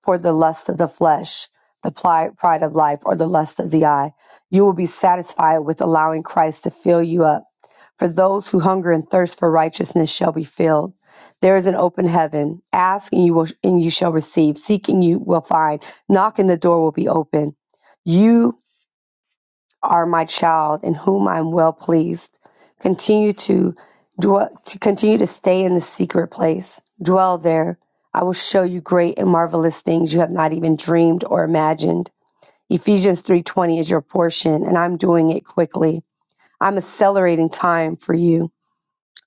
D: for the lust of the flesh, the pride of life, or the lust of the eye. You will be satisfied with allowing Christ to fill you up. For those who hunger and thirst for righteousness shall be filled. There is an open heaven. Ask and you will and you shall receive. Seek and you will find. Knock and the door will be open. You are my child in whom I'm well pleased. Continue to dwell, to continue to stay in the secret place. Dwell there. I will show you great and marvelous things you have not even dreamed or imagined. Ephesians 3:20 is your portion and I'm doing it quickly. I'm accelerating time for you.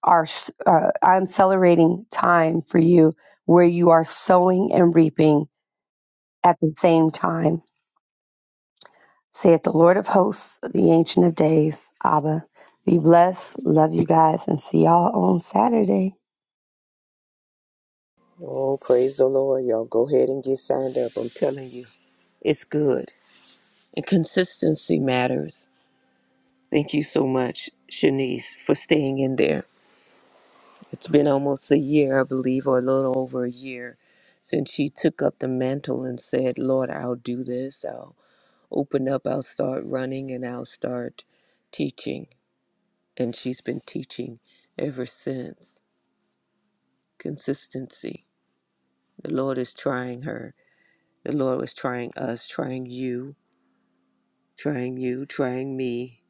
D: Our, uh, I'm accelerating time for you where you are sowing and reaping at the same time. saith the Lord of hosts, the Ancient of Days, Abba. Be blessed. Love you guys and see y'all on Saturday.
B: Oh, praise the Lord, y'all. Go ahead and get signed up. I'm telling you, it's good. And consistency matters. Thank you so much, Shanice, for staying in there. It's been almost a year, I believe, or a little over a year since she took up the mantle and said, Lord, I'll do this. I'll open up, I'll start running, and I'll start teaching. and she's been teaching ever since. Consistency. The Lord is trying her. The Lord was trying us, trying you, trying you, trying me,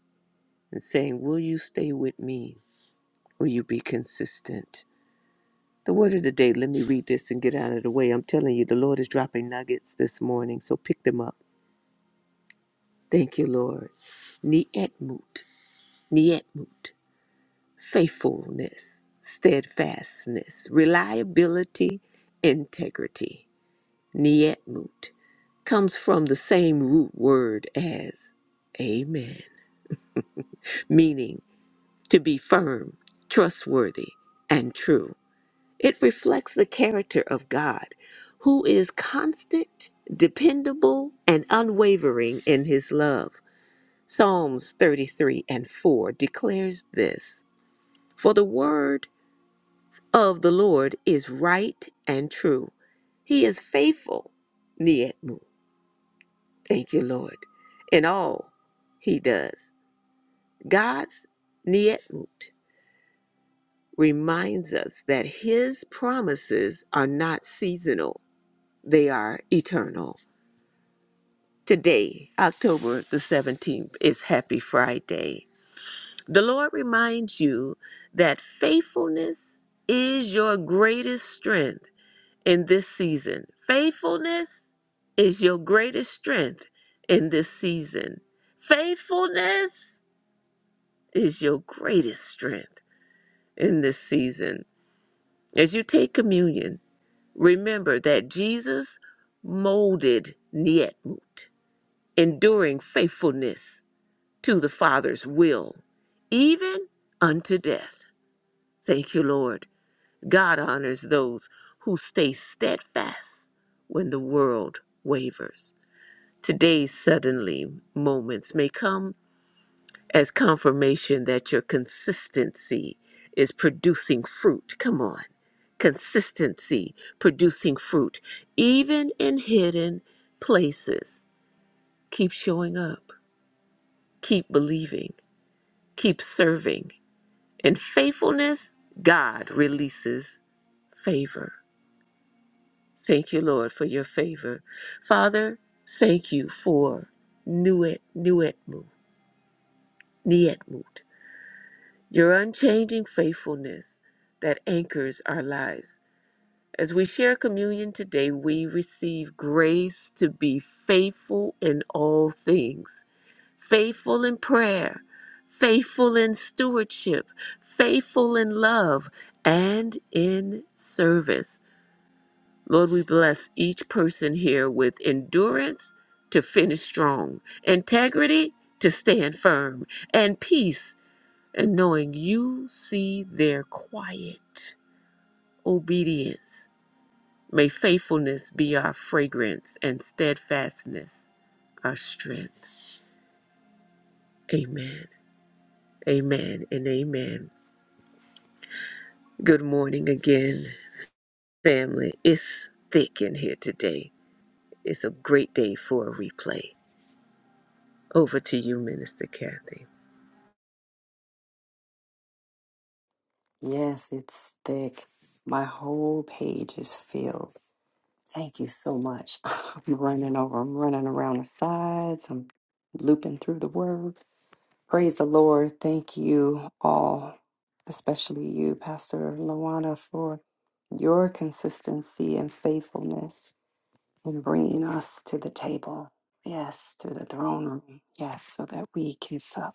B: and saying, Will you stay with me? Will you be consistent? The word of the day, let me read this and get out of the way. I'm telling you, the Lord is dropping nuggets this morning, so pick them up. Thank you, Lord. Nietmut, nietmut, faithfulness, steadfastness, reliability, integrity. Nietmut comes from the same root word as amen, meaning to be firm, trustworthy, and true. It reflects the character of God, who is constant, dependable, and unwavering in his love. Psalms 33 and 4 declares this For the word of the Lord is right and true. He is faithful, Nietmut Thank you, Lord. In all he does, God's Nietmut reminds us that his promises are not seasonal, they are eternal. Today, October the 17th, is Happy Friday. The Lord reminds you that faithfulness is your greatest strength in this season. Faithfulness is your greatest strength in this season. Faithfulness is your greatest strength in this season. As you take communion, remember that Jesus molded Nietmut, enduring faithfulness to the Father's will, even unto death. Thank you, Lord. God honors those who stay steadfast when the world wavers. Today's suddenly moments may come as confirmation that your consistency is producing fruit. Come on. Consistency producing fruit, even in hidden places. Keep showing up, keep believing, keep serving. In faithfulness, God releases favor. Thank you, Lord, for your favor. Father, thank you for Nuet Nuetmu, Nietmut. Your unchanging faithfulness that anchors our lives. As we share communion today, we receive grace to be faithful in all things, faithful in prayer, faithful in stewardship, faithful in love, and in service. Lord, we bless each person here with endurance to finish strong, integrity to stand firm, and peace and knowing you see their quiet obedience. May faithfulness be our fragrance and steadfastness our strength. Amen. Amen and amen. Good morning again, family. It's thick in here today. It's a great day for a replay. Over to you, Minister Kathy.
E: Yes, it's thick. My whole page is filled. Thank you so much. I'm running over. I'm running around the sides. I'm looping through the words. Praise the Lord. Thank you all, especially you, Pastor Lawana, for your consistency and faithfulness in bringing us to the table. Yes, to the throne room. Yes, so that we can sup.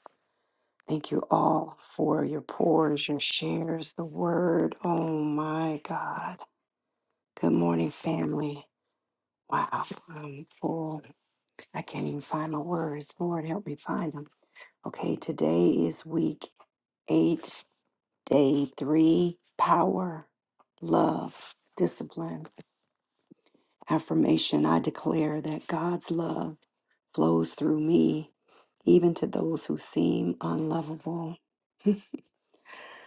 E: Thank you all for your pours, your shares, the word. Oh my God. Good morning, family. Wow, I'm full. I can't even find my words. Lord, help me find them. Okay, today is week eight, day three power, love, discipline, affirmation. I declare that God's love flows through me, even to those who seem unlovable.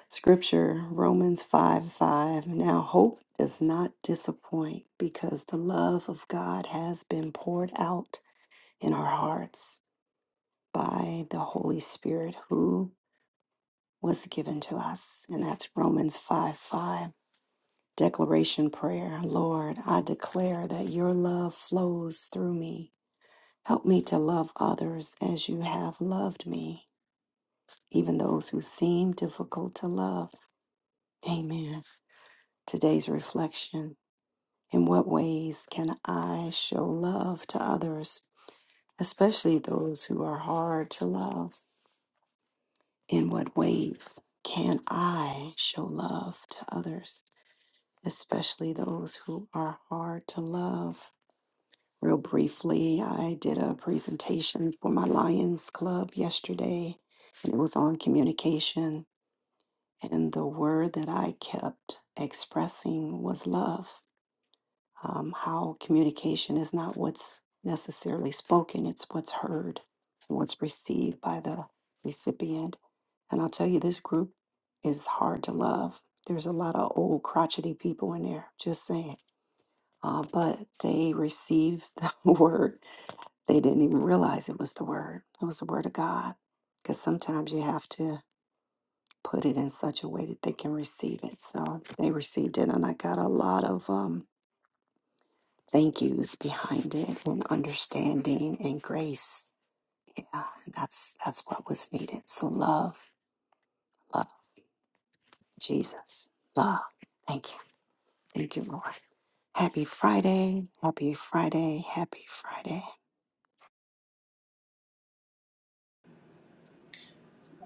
E: Scripture, Romans 5 5. Now, hope does not disappoint because the love of God has been poured out in our hearts by the Holy Spirit who was given to us. And that's Romans 5 5. Declaration prayer Lord, I declare that your love flows through me. Help me to love others as you have loved me, even those who seem difficult to love. Amen. Today's reflection In what ways can I show love to others, especially those who are hard to love? In what ways can I show love to others, especially those who are hard to love? Real briefly, I did a presentation for my Lions Club yesterday, and it was on communication. And the word that I kept expressing was love. um, how communication is not what's necessarily spoken, it's what's heard and what's received by the recipient. And I'll tell you, this group is hard to love. There's a lot of old crotchety people in there, just saying. Uh, but they received the word. They didn't even realize it was the word. It was the word of God. Because sometimes you have to put it in such a way that they can receive it. So they received it. And I got a lot of um. thank yous behind it and understanding and grace. Yeah, that's that's what was needed. So love, love, Jesus, love. Thank you, thank you, Lord. Happy Friday, happy Friday, happy Friday.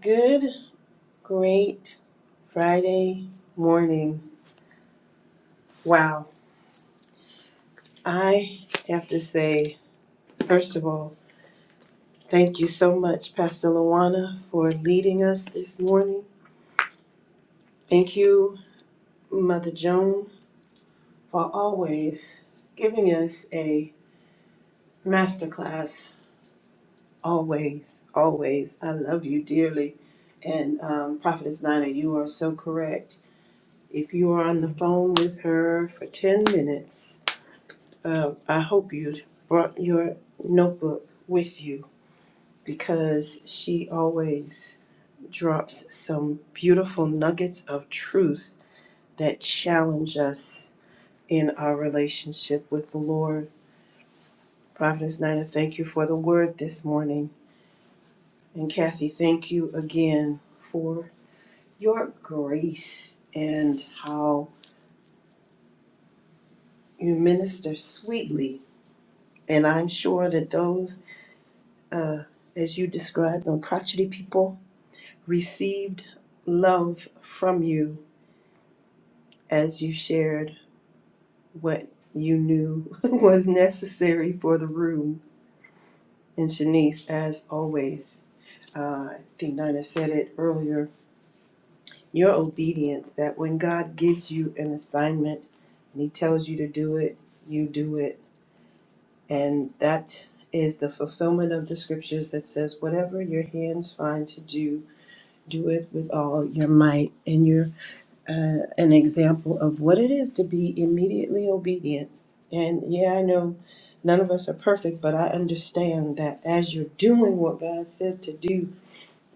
F: Good, great Friday morning. Wow. I have to say, first of all, thank you so much, Pastor Luana, for leading us this morning. Thank you, Mother Joan, for always giving us a masterclass. Always, always. I love you dearly. And um, Prophetess Nina, you are so correct. If you are on the phone with her for 10 minutes, Um, I hope you brought your notebook with you because she always drops some beautiful nuggets of truth that challenge us in our relationship with the Lord. Prophetess Nina, thank you for the word this morning. And Kathy, thank you again for your grace and how you minister sweetly. And I'm sure that those, uh, as you described them, crotchety people, received love from you as you shared what you knew was necessary for the room. And Shanice, as always, uh, I think Nina said it earlier, your obedience that when God gives you an assignment and He tells you to do it, you do it. And that is the fulfillment of the scriptures that says, whatever your hands find to do, do it with all your might. And you're uh, an example of what it is to be immediately obedient. And yeah, I know none of us are perfect, but I understand that as you're doing what God said to do,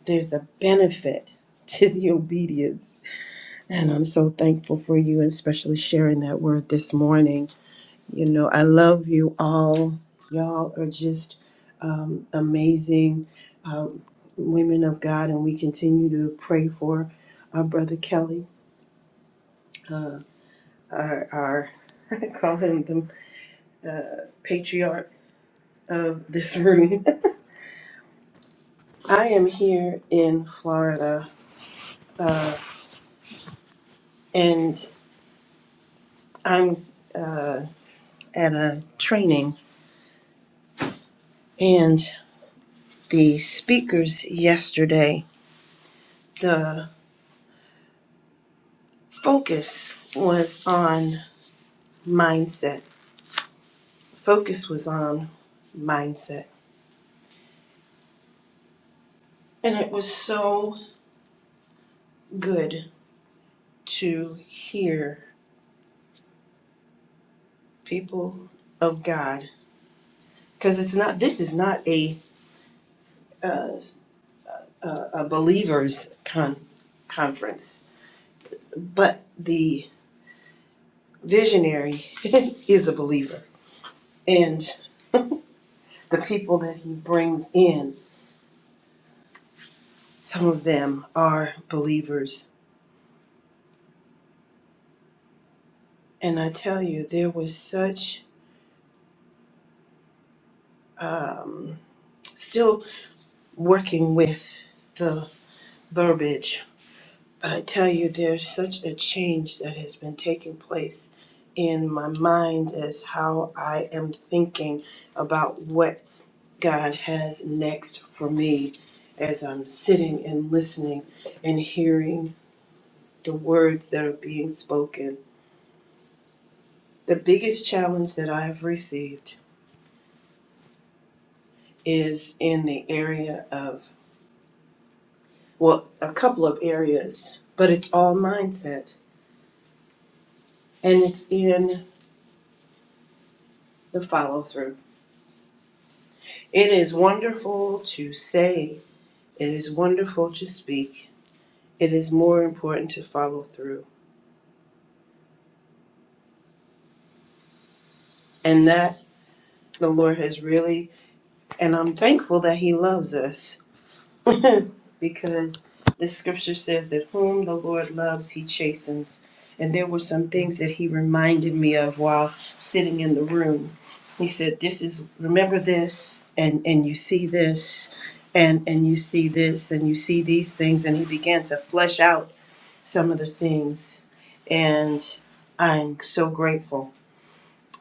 F: there's a benefit to the obedience. And I'm so thankful for you, and especially sharing that word this morning. You know, I love you all. Y'all are just um, amazing um, women of God, and we continue to pray for our brother Kelly Uh, our, our I call him the uh, patriarch of this room. I am here in Florida and I'm uh, at a training, and the speakers yesterday, the focus was on mindset. Focus was on mindset. And it was so good to hear people of God because it's not, this is not a uh, a, believers con- conference, but the visionary is a believer, and the people that he brings in, some of them are believers. And I tell you, there was such um, still working with the verbiage, but I tell you, there's such a change that has been taking place in my mind as how I am thinking about what God has next for me as I'm sitting and listening and hearing the words that are being spoken. The biggest challenge that I've received is in the area of, well, a couple of areas, but it's all mindset and it's in the follow through. It is wonderful to say, it is wonderful to speak, it is more important to follow through. And that the Lord has really And I'm thankful that He loves us because the scripture says that whom the Lord loves, He chastens. And there were some things that He reminded me of while sitting in the room. He said, This is, remember this, and, and you see this, and, and you see this, and you see these things. And He began to flesh out some of the things. And I'm so grateful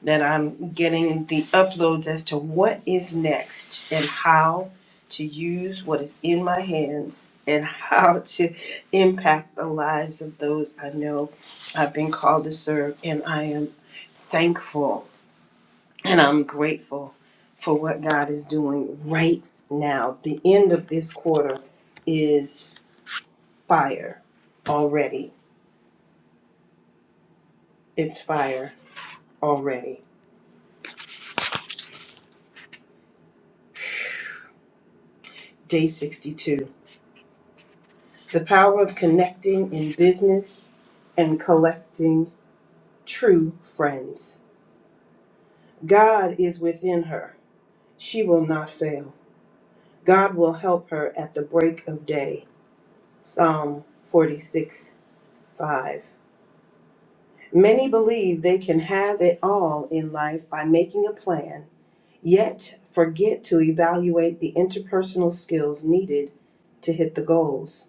F: that I'm getting the uploads as to what is next and how to use what is in my hands and how to impact the lives of those I know I've been called to serve. And I am thankful and I'm grateful for what God is doing right now. The end of this quarter is fire already. It's fire already. Day 62 The power of connecting in business and collecting true friends. God is within her. She will not fail. God will help her at the break of day. Psalm 46 5. Many believe they can have it all in life by making a plan, yet forget to evaluate the interpersonal skills needed to hit the goals.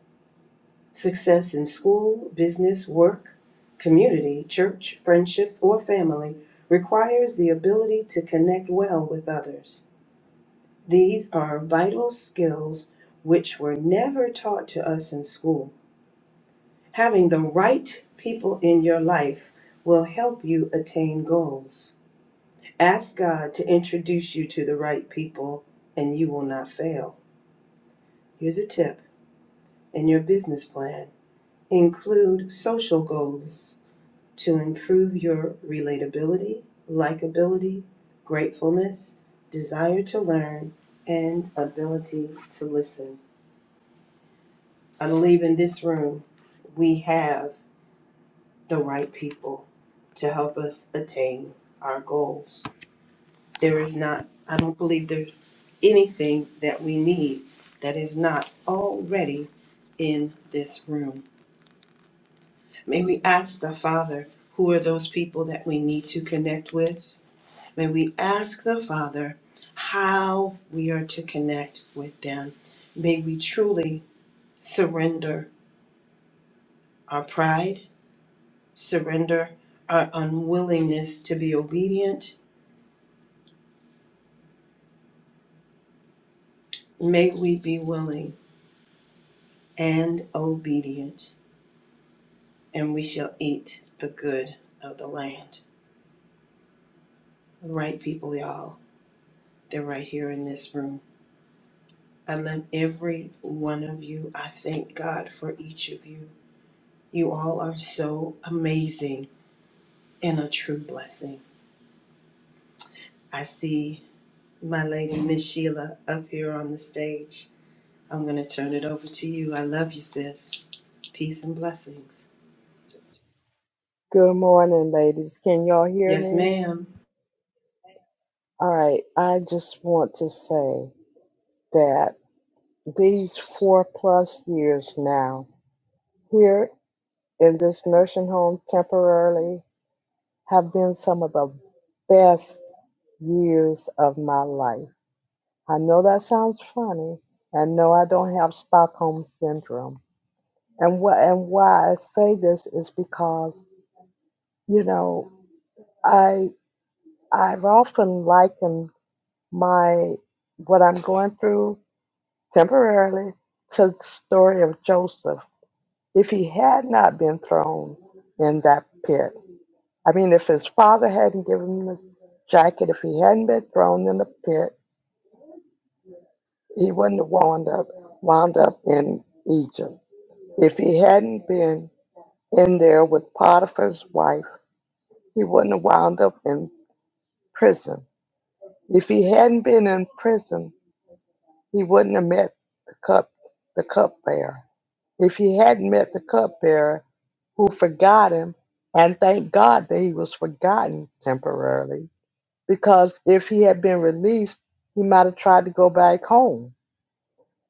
F: Success in school, business, work, community, church, friendships, or family requires the ability to connect well with others. These are vital skills which were never taught to us in school. Having the right people in your life will help you attain goals. Ask God to introduce you to the right people and you will not fail. Here's a tip in your business plan include social goals to improve your relatability, likability, gratefulness, desire to learn, and ability to listen. I believe in this room we have the right people to help us attain our goals. There is not, I don't believe there's anything that we need that is not already in this room. May we ask the Father, who are those people that we need to connect with? May we ask the Father how we are to connect with them. May we truly surrender our pride, surrender our unwillingness to be obedient. May we be willing and obedient, and we shall eat the good of the land. The right people, y'all, they're right here in this room. I love every one of you. I thank God for each of you. You all are so amazing. and a true blessing. I see my lady Miss Sheila up here on the stage. I'm going to turn it over to you. I love you, sis. Peace and blessings.
G: Good morning, ladies. Can y'all hear
F: Yes,
G: me?
F: ma'am.
G: All right. I just want to say that these four plus years now here in this nursing home temporarily have been some of the best years of my life. I know that sounds funny, and no, I don't have Stockholm syndrome. And what and why I say this is because you know I I've often likened my what I'm going through temporarily to the story of Joseph. If he had not been thrown in that pit, I mean, if his father hadn't given him the jacket, if he hadn't been thrown in the pit, he wouldn't have wound up wound up in Egypt. If he hadn't been in there with Potiphar's wife, he wouldn't have wound up in prison. If he hadn't been in prison, he wouldn't have met the cup the cupbearer if he hadn't met the cupbearer who forgot him, and thank God that he was forgotten temporarily, because if he had been released, he might have tried to go back home.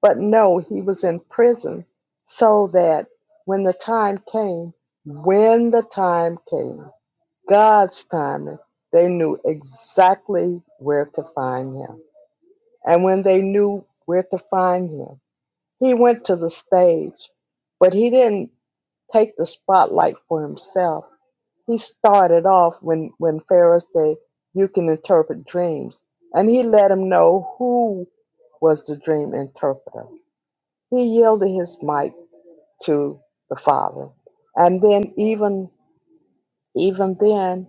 G: But no, he was in prison so that when the time came, when the time came, God's timing, they knew exactly where to find him. And when they knew where to find him, he went to the stage, but he didn't take the spotlight for himself. He started off when, when Pharaoh said, You can interpret dreams. And he let him know who was the dream interpreter. He yielded his mic to the Father. And then even even then,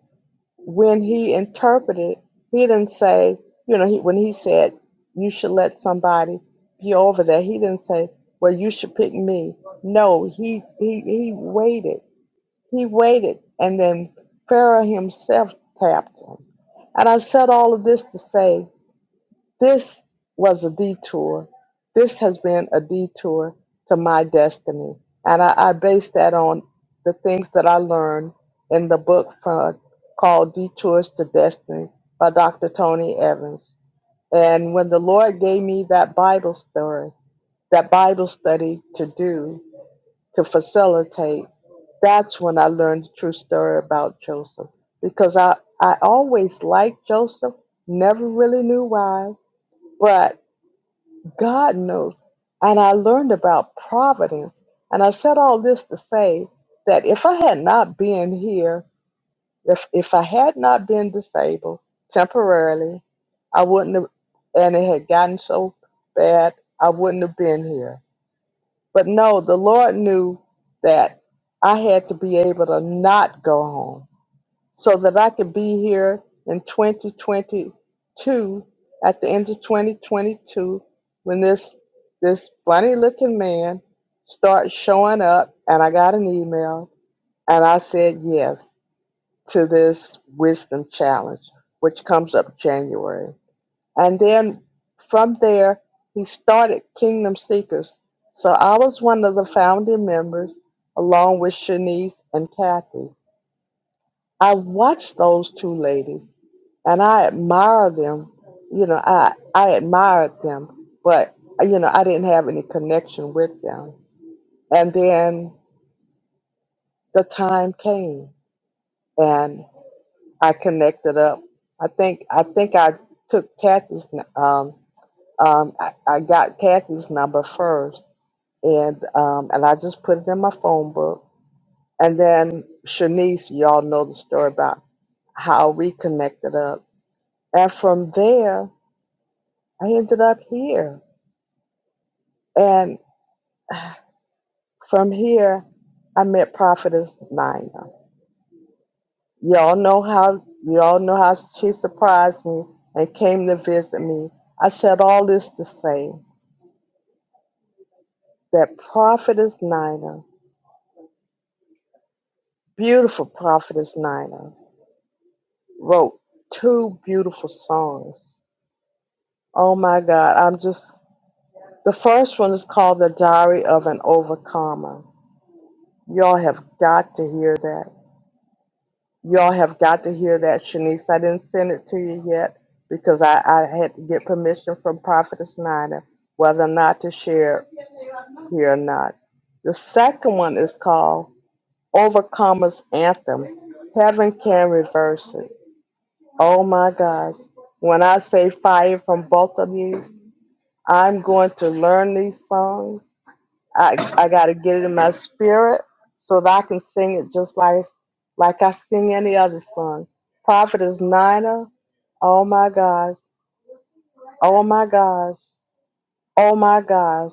G: when he interpreted, he didn't say, you know, he, when he said, You should let somebody be over there, he didn't say, Well, you should pick me. No, he he, he waited He waited, and then Pharaoh himself tapped him. And I said all of this to say this was a detour. This has been a detour to my destiny. And I, I base that on the things that I learned in the book for, called Detours to Destiny by Dr. Tony Evans. And when the Lord gave me that Bible story, that Bible study to do to facilitate. That's when I learned the true story about Joseph because I, I always liked Joseph, never really knew why, but God knows. And I learned about providence. And I said all this to say that if I had not been here, if, if I had not been disabled temporarily, I wouldn't have, and it had gotten so bad, I wouldn't have been here but no, the Lord knew that I had to be able to not go home so that I could be here in 2022, at the end of 2022, when this this funny looking man starts showing up and I got an email and I said yes to this wisdom challenge, which comes up January. And then from there, he started Kingdom Seekers. So I was one of the founding members, along with Shanice and Kathy. I watched those two ladies and I admire them. You know, I, I admired them, but, you know, I didn't have any connection with them. And then the time came and I connected up. I think I think I took Kathy's um, Um, I, I got Kathy's number first, and um, and I just put it in my phone book. And then Shanice, y'all know the story about how we connected up. And from there, I ended up here. And from here, I met Prophetess Nina. Y'all know how y'all know how she surprised me and came to visit me. I said all this to say that Prophetess Nina, beautiful Prophetess Nina wrote two beautiful songs. Oh my God, I'm just. The first one is called The Diary of an Overcomer. Y'all have got to hear that. Y'all have got to hear that, Shanice. I didn't send it to you yet because I, I had to get permission from Prophetess Nina whether or not to share it here or not. The second one is called Overcomer's Anthem. Heaven can reverse it. Oh my God. When I say fire from both of you, I'm going to learn these songs. I, I got to get it in my spirit so that I can sing it just like like I sing any other song. Prophetess Nina, oh my gosh, oh my gosh, oh my gosh.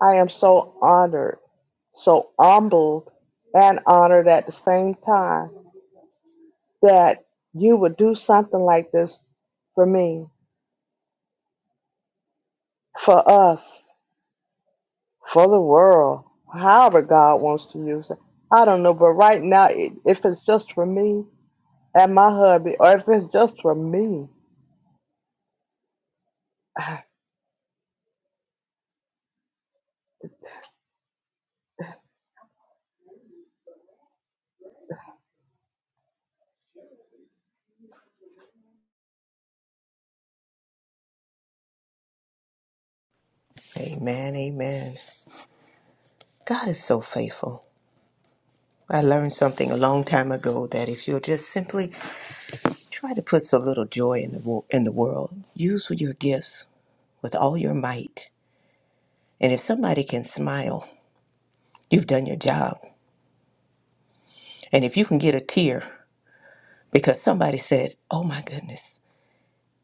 G: I am so honored, so humbled and honored at the same time that you would do something like this for me, for us. for the world, however God wants to use it. I don't know, but right now, i- if it's just for me and my hubby, or if it's just for me,
B: Amen, amen. God is so faithful. I learned something a long time ago that if you'll just simply Try to put some little joy in the wo- in the world. Use your gifts with all your might. And if somebody can smile, you've done your job. And if you can get a tear because somebody said, "Oh my goodness,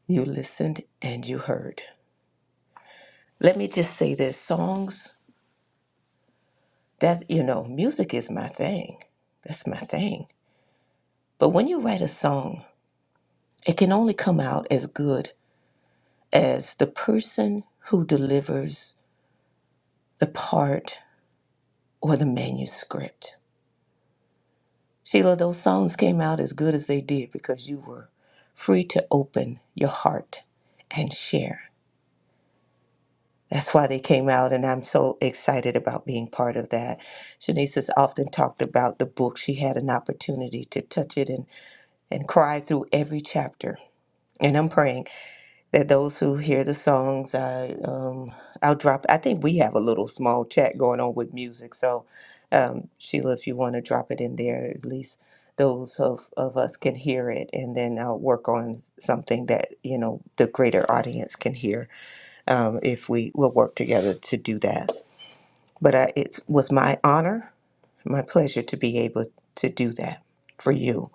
B: you listened and you heard." Let me just say this: songs that you know, music is my thing. That's my thing. But when you write a song, it can only come out as good as the person who delivers the part or the manuscript. Sheila, those songs came out as good as they did because you were free to open your heart and share. That's why they came out, and I'm so excited about being part of that. Shanice has often talked about the book. She had an opportunity to touch it and, and cry through every chapter. And I'm praying that those who hear the songs, I um, I'll drop. I think we have a little small chat going on with music, so um, Sheila, if you want to drop it in there, at least those of, of us can hear it, and then I'll work on s- something that you know the greater audience can hear. Um, if we will work together to do that, but I, it was my honor, my pleasure to be able to do that for you.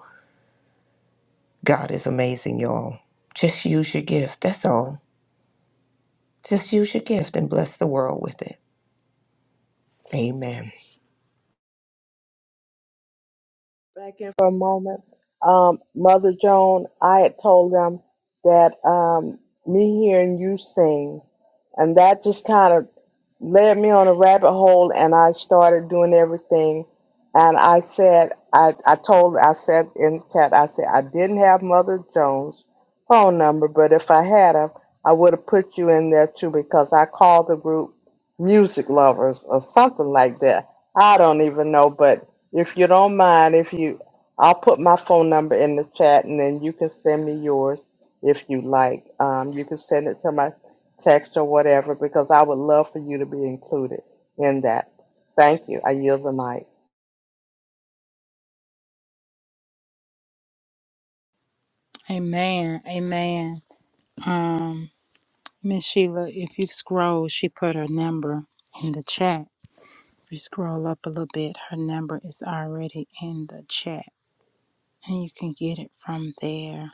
B: God is amazing, y'all. Just use your gift. That's all Just use your gift and bless the world with it. Amen.
G: back in for a moment, um, Mother Joan, I had told them that um, me hearing you sing. And that just kind of led me on a rabbit hole and I started doing everything. And I said, I, I told, I said in the chat, I said, I didn't have Mother Jones' phone number, but if I had her, I would have put you in there too because I called the group Music Lovers or something like that. I don't even know, but if you don't mind, if you, I'll put my phone number in the chat and then you can send me yours if you like. Um, you can send it to my text or whatever, because I would love for you to be included in that. Thank you. I yield the mic.
A: Amen. Amen. Um, Miss Sheila, if you scroll, she put her number in the chat. If you scroll up a little bit, her number is already in the chat, and you can get it from there.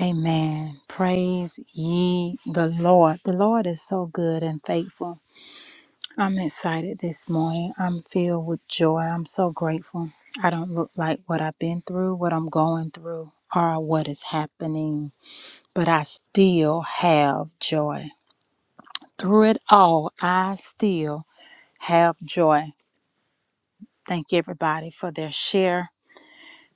A: Amen. Praise ye the Lord. The Lord is so good and faithful. I'm excited this morning. I'm filled with joy. I'm so grateful. I don't look like what I've been through, what I'm going through, or what is happening, but I still have joy. Through it all, I still have joy. Thank everybody for their share.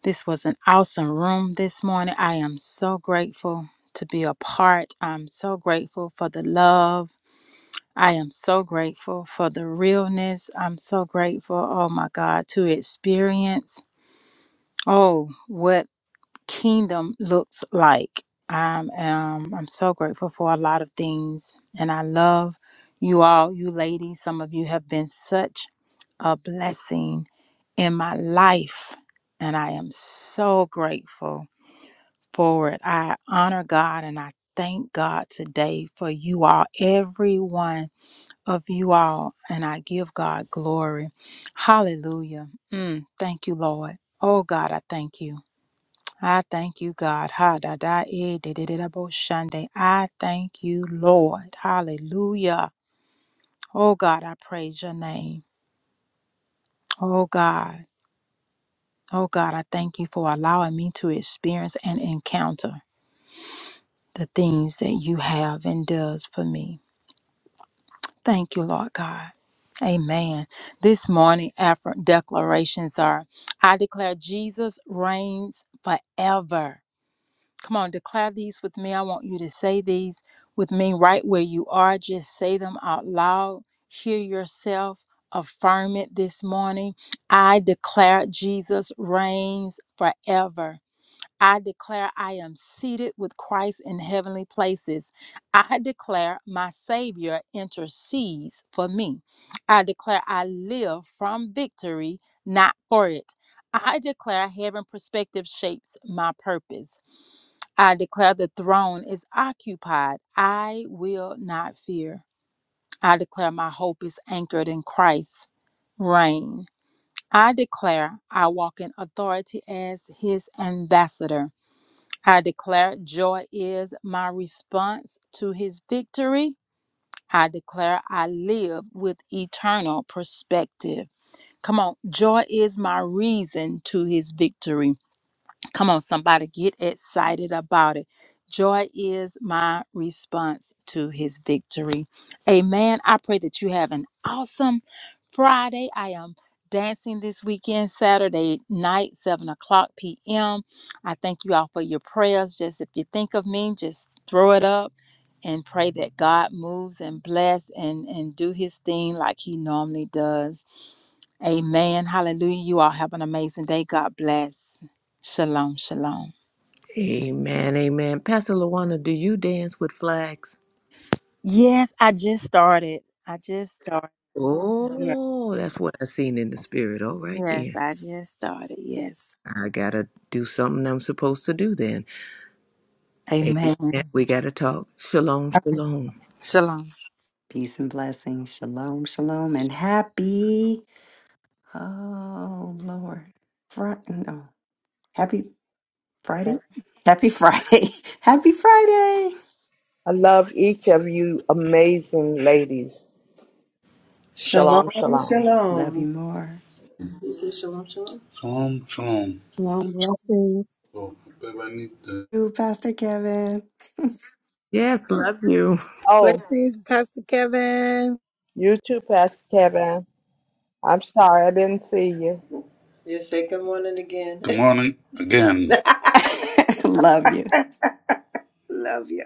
A: This was an awesome room this morning. I am so grateful to be a part. I'm so grateful for the love. I am so grateful for the realness. I'm so grateful, oh my God, to experience, oh, what kingdom looks like. I'm, um, I'm so grateful for a lot of things. And I love you all, you ladies. Some of you have been such a blessing in my life. And I am so grateful forward. I honor God and I thank God today for you all, every one of you all, and I give God glory. Hallelujah. Mm, thank you, Lord. Oh, God, I thank you. I thank you, God. Ha da da e de de de da bo shande. I thank you, Lord. Hallelujah. Oh, God, I praise your name. Oh, God. Oh, God, I thank you for allowing me to experience and encounter the things that you have and does for me. Thank you, Lord God. Amen. This morning, after declarations are I declare Jesus reigns forever. Come on, declare these with me. I want you to say these with me right where you are. Just say them out loud. Hear yourself affirm it this morning. I declare Jesus reigns forever. I declare I am seated with Christ in heavenly places. I declare my Savior intercedes for me. I declare I live from victory, not for it. I declare heaven perspective shapes my purpose. I declare the throne is occupied. I will not fear. I declare my hope is anchored in Christ's reign. I declare I walk in authority as his ambassador. I declare joy is my response to his victory. I declare I live with eternal perspective. Come on, joy is my reason to his victory. Come on, somebody, get excited about it. Joy is my response to his victory. Amen. I pray that you have an awesome Friday. I am dancing this weekend, Saturday night, 7 o'clock p.m. I thank you all for your prayers. Just if you think of me, just throw it up and pray that God moves and bless and, and do his thing like he normally does. Amen. Hallelujah. You all have an amazing day. God bless. Shalom. Shalom.
B: Amen, amen. Pastor Luana, do you dance with flags?
A: Yes, I just started. I just started. Yes.
B: Oh, that's what I seen in the spirit. All right
A: Yes,
B: then.
A: I just started. Yes.
B: I gotta do something I'm supposed to do then. Amen.
A: Amen.
B: We gotta talk. Shalom, shalom.
A: Shalom.
E: Peace and blessings, shalom, shalom, and happy. Oh Lord, Fri no, happy Friday, happy Friday, happy Friday.
G: I love each of you amazing ladies. Shalom,
F: Shalom,
G: shalom.
E: Love you
F: shalom.
E: more,
F: You say shalom, shalom? Shalom, shalom.
D: Long blessings.
F: So, babe, I need to.
E: you Pastor Kevin.
B: Yes, love you.
G: Oh,
A: Blessings, Pastor Kevin.
G: you too, Pastor Kevin. I'm sorry I didn't see you.
F: Just say good morning again. Good morning again.
E: Love you.
F: love you.